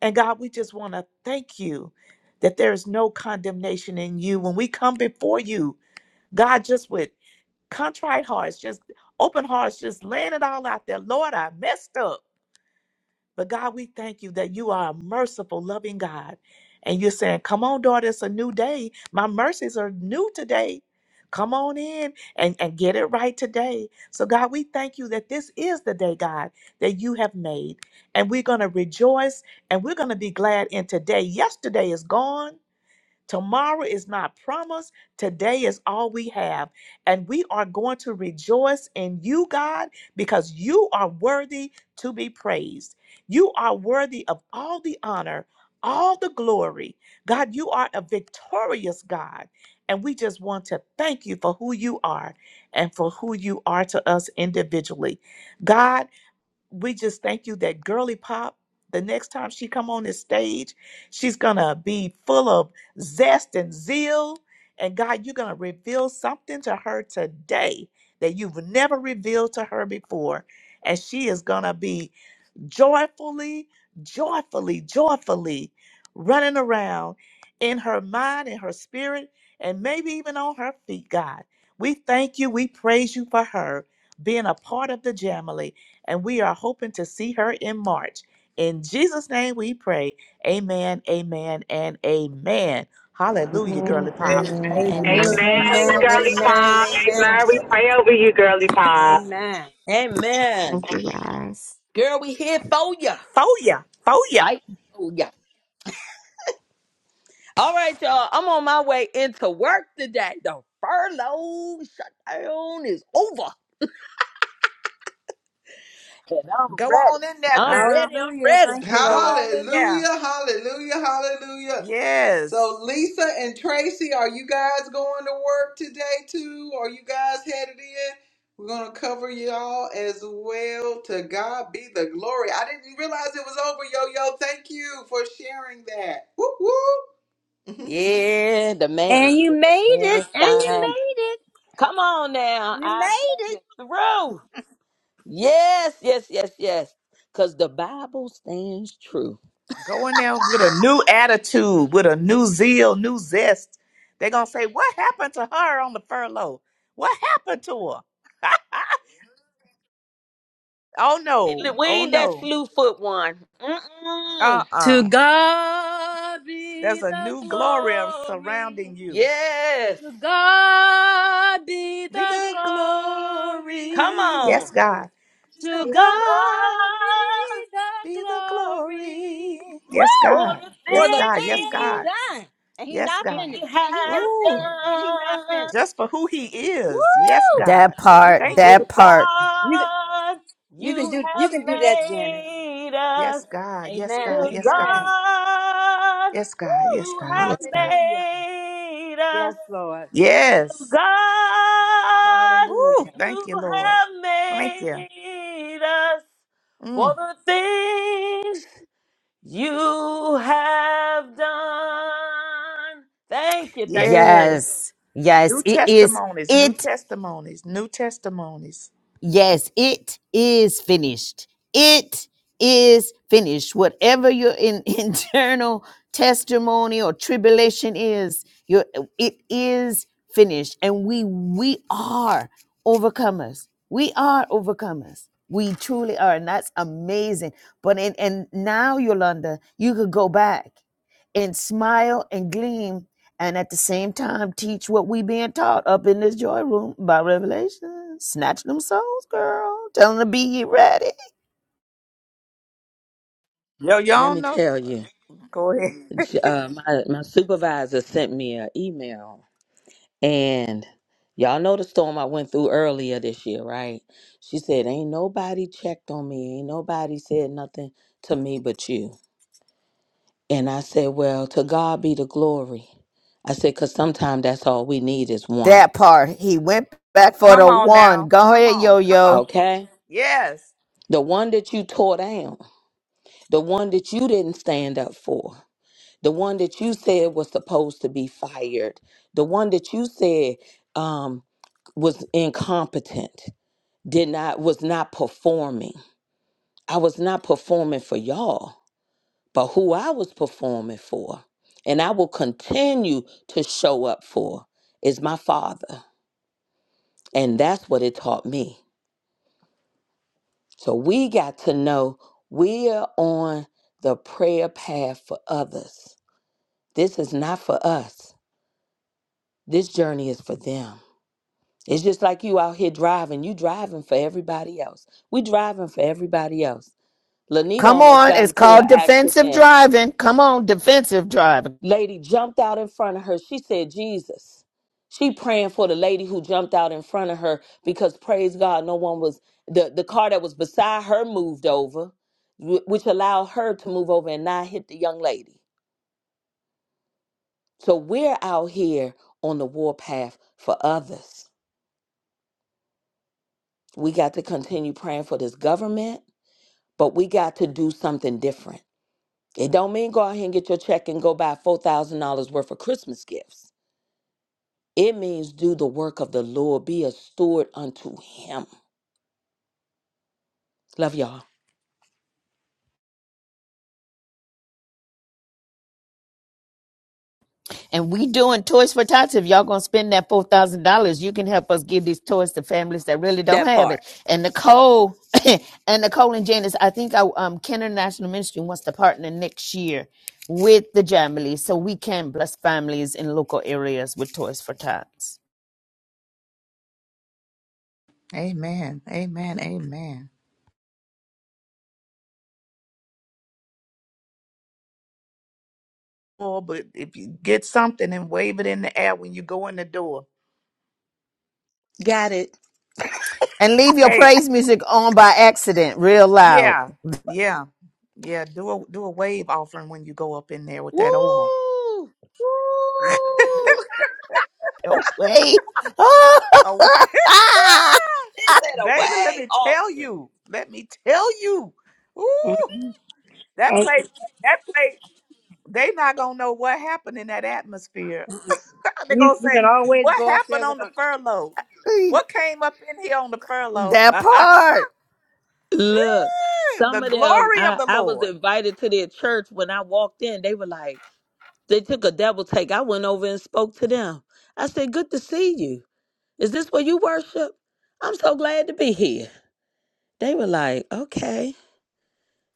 S5: And God, we just want to thank you that there is no condemnation in you. When we come before you, God, just with contrite hearts, just open hearts, just laying it all out there. Lord, I messed up. But God, we thank you that you are a merciful, loving God. And you're saying, Come on, daughter, it's a new day. My mercies are new today. Come on in and, and get it right today. So, God, we thank you that this is the day, God, that you have made. And we're going to rejoice and we're going to be glad in today. Yesterday is gone. Tomorrow is not promised. Today is all we have. And we are going to rejoice in you, God, because you are worthy to be praised. You are worthy of all the honor, all the glory. God, you are a victorious God. And we just want to thank you for who you are and for who you are to us individually. God, we just thank you that girly pop the next time she come on this stage she's gonna be full of zest and zeal and god you're gonna reveal something to her today that you've never revealed to her before and she is gonna be joyfully, joyfully, joyfully running around in her mind, in her spirit, and maybe even on her feet, God. We thank you. We praise you for her being a part of the Jamily, and we are hoping to see her in March. In Jesus' name we pray. Amen, amen, and amen. Hallelujah,
S13: Amen,
S5: girly pop.
S13: amen,
S3: Amen,
S13: amen.
S12: Amen,
S3: amen,
S12: girly
S3: amen,
S12: pop.
S3: amen,
S12: Amen. We pray over you, girly pop.
S3: amen.
S8: Amen.
S13: Thank you guys.
S8: Girl, we here for ya.
S5: For ya, for ya.
S8: Fight for ya. All right, y'all. I'm on my way into work today. The furlough shutdown is over. And I'm
S5: Go
S8: ready.
S5: on in there,
S8: I'm
S5: girl.
S8: ready. I'm
S3: Hallelujah.
S8: ready.
S3: Thank you,
S5: Go
S3: Lord.
S5: on in there.
S1: Hallelujah, hallelujah, hallelujah. So
S5: Yes.
S1: Lisa and Tracy, are you guys going to work today too? Are you guys headed in? We're gonna cover y'all as well. To God be the glory. I didn't realize it was over, yo yo. Thank you for sharing that. Woo woo.
S8: Yeah, the man.
S3: And you
S8: The
S3: made it,
S8: man
S3: and you
S8: signed it.
S3: made it,
S8: Come on now.
S3: you
S8: I
S3: made
S8: made
S3: it.
S8: it through. Yes, yes, yes, yes. Because the Bible stands true.
S5: Going there with a new attitude, with a new zeal, new zest. They're going to say, What happened to her on the furlough? What happened to her? [laughs] oh,
S8: It-
S5: no.
S8: We
S5: Oh,
S8: ain't that
S5: no.
S8: slew foot one. Mm-mm.
S5: Uh uh
S3: To God be
S5: There's a
S3: the
S5: new glory
S3: glory.
S5: surrounding you.
S8: Yes.
S3: To God be
S5: Be
S3: the
S5: the
S8: Come
S3: glory.
S5: glory.
S8: on.
S5: Yes, God. To
S8: To
S3: To God
S5: God
S8: God
S3: be the
S5: be the
S3: glory.
S5: glory. Yes,
S3: Woo!
S8: for
S5: God.
S8: the
S3: For
S5: Yes,
S3: the
S5: God. Yes,
S3: things he's
S5: God.
S8: things
S3: done. And he
S5: Yes,
S3: not
S8: He
S5: God.
S3: finished. And he
S8: has
S3: not
S5: Ooh,
S3: finished. And he not
S8: done.
S3: finished.
S5: just for who he is. Yes,
S3: Woo!
S5: God.
S6: That part,
S5: Thank
S3: Mm-mm.
S8: To
S6: that
S5: you.
S6: part.
S3: You can,
S8: God,
S3: you can
S8: you
S3: do you
S8: have
S3: can do that, Janice.
S8: made us.
S5: Yes, God. Yes,
S3: Amen.
S5: God.
S8: To
S5: Yes, God.
S3: Amen.
S8: God,
S5: Yes, God.
S3: Woo!
S5: Yes,
S8: you
S5: God.
S8: have
S5: Yes, God.
S3: Hallelujah.
S8: made us.
S3: Yes, Lord.
S8: To
S5: Yes.
S8: God,
S5: Woo.
S3: Hallelujah.
S5: Thank
S8: you
S5: you, Lord.
S8: have
S5: Thank you.
S8: made us for
S5: Mm.
S8: the things you have done. Thank you, thank you, thank you.
S5: Yes.
S6: Yes. Yes.
S5: New
S6: It is. It is.
S5: testimonies.
S6: It.
S5: New testimonies. New testimonies.
S6: Yes, it is finished. It is finished. Whatever your in, [laughs] internal testimony or tribulation is, your it is finished. And we we are overcomers. We are overcomers. We truly are, and that's amazing. But in, and now, Yolanda, you could go back and smile and gleam and at the same time teach what we being taught up in this joy room by revelation. Snatch them souls, girl. Tell them to be ye ready.
S5: Yo,
S8: Let
S5: y'all
S8: me
S5: know.
S8: tell you,
S5: Go ahead. [laughs]
S8: j- uh, my, my supervisor sent me an email, and y'all know the storm I went through earlier this year, right? She said, Ain't nobody checked on me, ain't nobody said nothing to me but you. And I said, Well, to God be the glory. I said, Because sometimes that's all we need is one,
S6: That part. He went back for
S5: Come
S6: the
S5: on
S6: one.
S5: now.
S6: Go
S5: Come
S6: ahead, yo
S5: on. Come on.
S6: yo.
S8: okay?
S5: Yes.
S8: The one that you tore down. the one that you didn't stand up for, the one that you said was supposed to be fired, the one that you said um, was incompetent, did not was not performing. I was not performing for y'all, but who I was performing for, and I will continue to show up for is my father, and that's what it taught me. So we got to know we are on the prayer path for others. This is not for us. This journey is for them. It's just like you out here driving. You driving for everybody else. We driving for everybody else. Lanita
S6: Come
S8: almost
S6: on.
S8: got
S6: It's
S8: into an
S6: called defensive
S8: accident.
S6: driving. Come on, defensive driving.
S8: Lady jumped out in front of her. She said, Jesus. She praying for the lady who jumped out in front of her because praise God, no one was the, the car that was beside her moved over, wh- which allowed her to move over and not hit the young lady. So we're out here on the warpath for others. We got to continue praying for this government but we got to do something different. It don't mean go out here and get your check and go buy four thousand dollars worth of Christmas gifts. It means do the work of the Lord, be a steward unto Him. Love y'all.
S6: And we doing Toys for Tots. If y'all gonna spend that four thousand dollars, you can help us give these toys to families that really don't
S8: That
S6: have
S8: part.
S6: it. And Nicole, [coughs] and Nicole and Janice, I think I, um, Kenner National Ministry wants to partner next year with the Jamily, so we can bless families in local areas with Toys for Tots.
S5: Amen. Amen. Amen. Oh, but if you get something and wave it in the air when you go in the door.
S8: Got it.
S6: And leave your
S5: Hey,
S6: praise music on by accident, real loud.
S5: Yeah, yeah, yeah. Do a do a wave offering when you go up in there with
S8: Woo!
S5: that oil.
S8: Woo! [laughs]
S6: Oh wait,
S5: Oh,
S6: [laughs]
S8: They said
S5: [laughs]
S8: a
S5: baby, let
S8: wave
S5: me tell
S8: offering.
S5: you. Let me tell you. Ooh, that
S3: And
S5: place, that place. They not gonna know what happened in that atmosphere. [laughs] they
S3: you,
S5: gonna
S3: you can
S5: say,
S3: always
S5: "What
S3: go up there
S5: happened
S3: with
S5: on the
S3: a
S5: furlough? What came up in here on the furlough?" [laughs]
S6: that part.
S8: Look,
S5: Ooh,
S8: some
S5: the
S8: of them,
S5: glory of
S8: I,
S5: the
S8: I was
S5: Lord.
S8: invited to their church. When I walked in, they were like, they took a double take. I went over and spoke to them. I said, Good to see you. Is this where you worship? I'm so glad to be here. They were like, okay.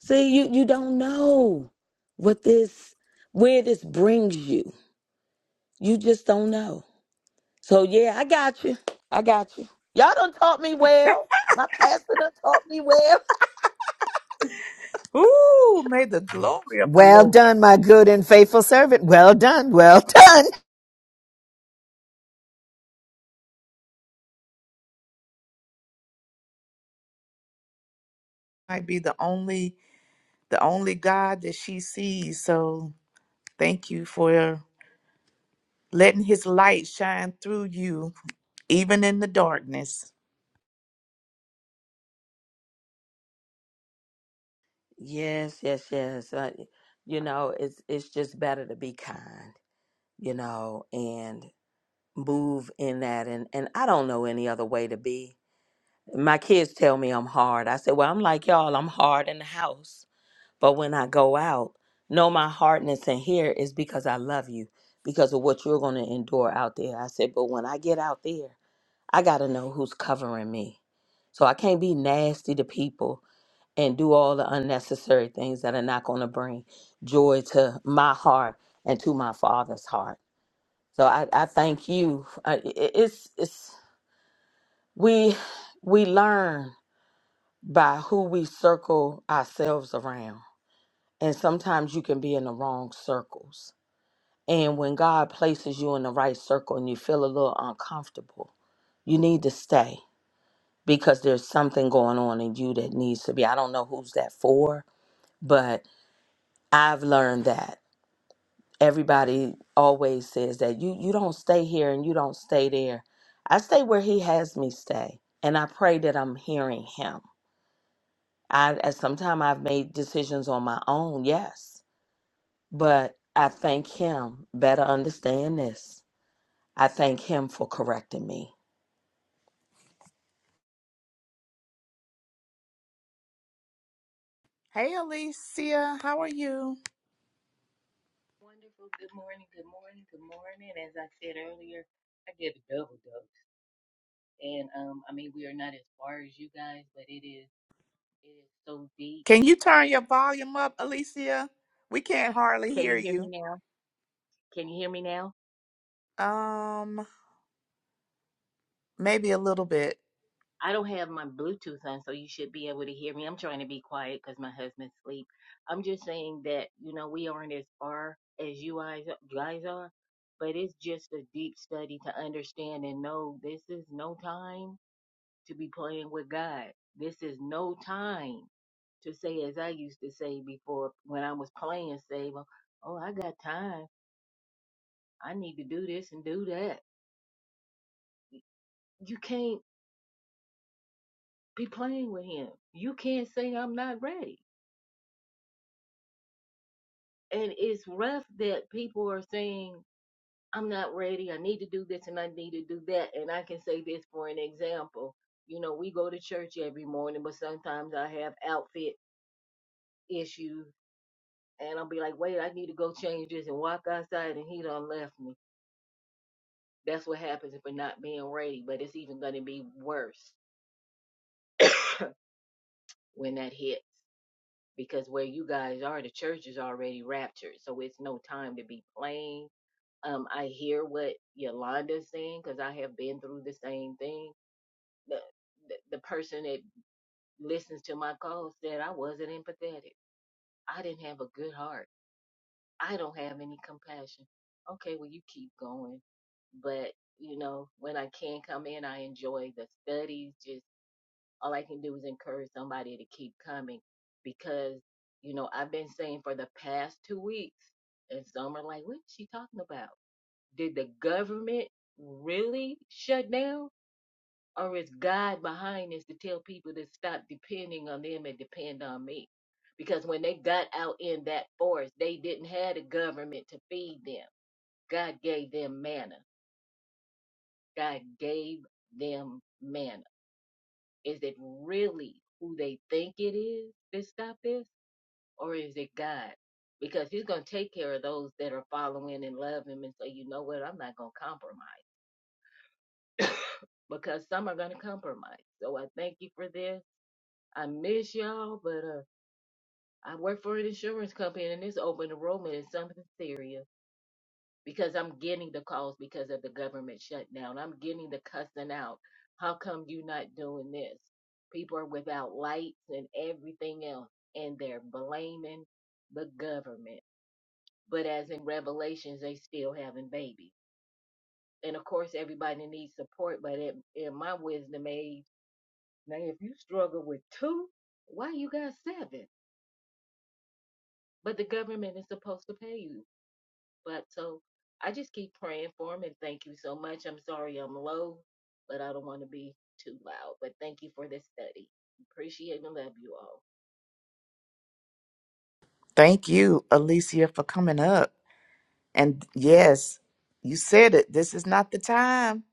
S8: See, you you don't know what this where this brings you. You just don't know. So yeah, I got you. I got you. Y'all done taught me well. My pastor done taught me well.
S5: Ooh, may the glory of the
S6: Well
S5: Lord
S6: done, my good and faithful servant. Well done. Well [laughs] done.
S5: might be the only the only God that she sees. So thank you for letting his light shine through you, even in the darkness.
S8: Yes, yes, yes. Uh, you know, it's it's just better to be kind, you know, and move in that and and I don't know any other way to be my kids tell me I'm hard. I said, Well, I'm like y'all, I'm hard in the house. But when I go out, no, my hardness in here is because I love you, because of what you're going to endure out there. I said, But when I get out there, I got to know who's covering me. So I can't be nasty to people and do all the unnecessary things that are not going to bring joy to my heart and to my father's heart. So I, I thank you. Uh, it- It's, it's, we, we learn by who we circle ourselves around. And sometimes you can be in the wrong circles. And when God places you in the right circle and you feel a little uncomfortable, you need to stay because there's something going on in you that needs to be. I don't know who's that for, but I've learned that everybody always says that you you don't stay here and you don't stay there. I stay where he has me stay, and I pray that I'm hearing him I at some time I've made decisions on my own, yes. But I thank him. Better understand this. I thank him for correcting me.
S5: Hey Alicia, how are you?
S14: Wonderful. Good morning. Good morning. Good morning. As I said earlier, I get a double dose, and um, I mean we are not as far as you guys, but it is it is so deep.
S5: Can you turn your volume up, Alicia? We can't hardly
S14: Can
S5: hear
S14: you hear me
S5: you.
S14: now? Can you hear me now?
S5: Um, maybe a little bit.
S14: I don't have my Bluetooth on, so you should be able to hear me. I'm trying to be quiet because my husband's asleep. I'm just saying that you know we aren't as far as you guys guys are, but it's just a deep study to understand and know this is no time to be playing with God. This is no time to say, as I used to say before when I was playing save, oh, I got time. I need to do this and do that. You can't be playing with him. You can't say, I'm not ready. And it's rough that people are saying, I'm not ready. I need to do this and I need to do that. And I can say this for an example. You know, we go to church every morning, but sometimes I have outfit issues and I'll be like, wait, I need to go change this and walk outside and he done left me. That's what happens for not being ready, but it's even gonna be worse [coughs] when that hits because where you guys are, the church is already raptured, so it's no time to be playing. Um, I hear what Yolanda's saying because I have been through the same thing. The, the the person that listens to my call said I wasn't empathetic. I didn't have a good heart. I don't have any compassion. Okay, well, you keep going. But, you know, when I can come in, I enjoy the studies. Just all I can do is encourage somebody to keep coming because, you know, I've been saying for the past two weeks, and some are like, what is she talking about? Did the government really shut down? or is God behind this to tell people to stop depending on them and depend on me? Because when they got out in that forest, they didn't have the government to feed them. God gave them manna. God gave them manna. Is it really who they think it is that stopped this, or is it God? Because He's going to take care of those that are following and love Him and say, you know what, I'm not going to compromise. Because some are going to compromise. So I thank you for this. I miss y'all, but. uh. I work for an insurance company and it's open enrollment is something serious because I'm getting the calls because of the government shutdown. I'm getting the cussing out. How come you not doing this? People are without lights and everything else and they're blaming the government. But as in Revelations, they still having babies. And of course, everybody needs support, but in, in my wisdom age, now if you struggle with two, why you got seven? But the government is supposed to pay you. But so I just keep praying for him and thank you so much. I'm sorry I'm low, but I don't want to be too loud. But thank you for this study. Appreciate and love you all.
S5: Thank you, Alicia, for coming up. And yes, you said it. This is not the time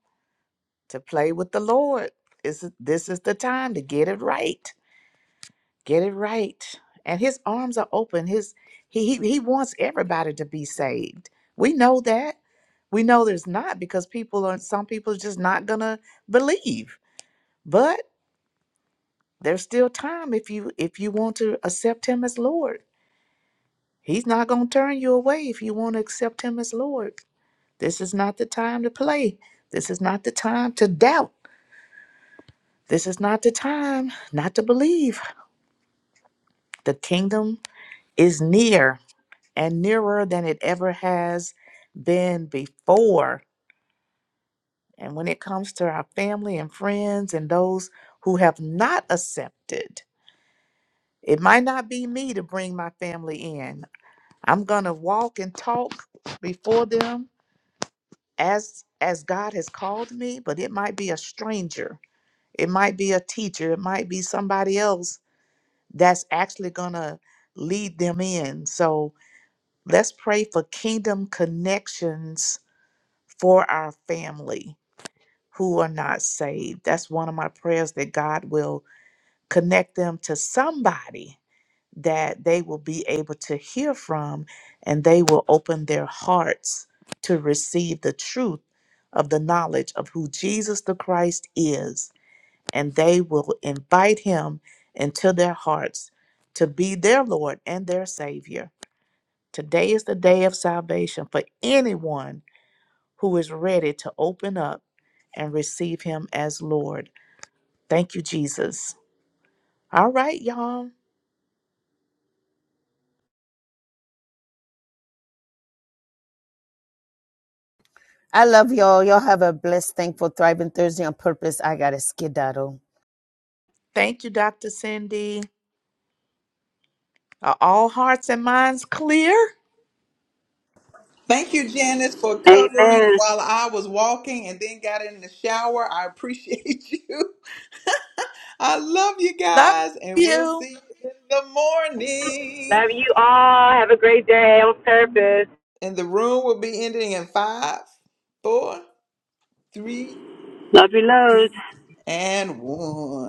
S5: to play with the Lord. This is, this is the time to get it right. Get it right. And his arms are open. His he, he he wants everybody to be saved. We know that. We know there's not because people are some people are just not gonna believe. But there's still time if you if you want to accept him as Lord. He's not gonna turn you away if you want to accept him as Lord. This is not the time to play. This is not the time to doubt. This is not the time not to believe. The kingdom is near and nearer than it ever has been before. And when it comes to our family and friends and those who have not accepted, it might not be me to bring my family in. I'm going to walk and talk before them as as God has called me, but it might be a stranger It might be a teacher, it might be somebody else that's actually going to lead them in. So let's pray for kingdom connections for our family who are not saved. That's one of my prayers that God will connect them to somebody that they will be able to hear from and they will open their hearts to receive the truth of the knowledge of who Jesus the Christ is and they will invite him into their hearts to be their Lord and their Savior. Today is the day of salvation for anyone who is ready to open up and receive him as Lord. Thank you, Jesus. All right, y'all.
S6: I love y'all. Y'all have a blessed, thankful, thriving Thursday on purpose. I got to skedaddle.
S5: Thank you, Dr. Cindy. Are all hearts and minds clear?
S1: Thank you, Janice, for covering
S3: Amen.
S1: while I was walking and then got in the shower. I appreciate [laughs] you. I love you
S5: Love
S1: guys, and we'll
S5: you.
S1: see you in the morning.
S12: Love you all. Have a great day on purpose.
S1: And the room will be ending in five, four, three,
S3: Love you,
S1: and one.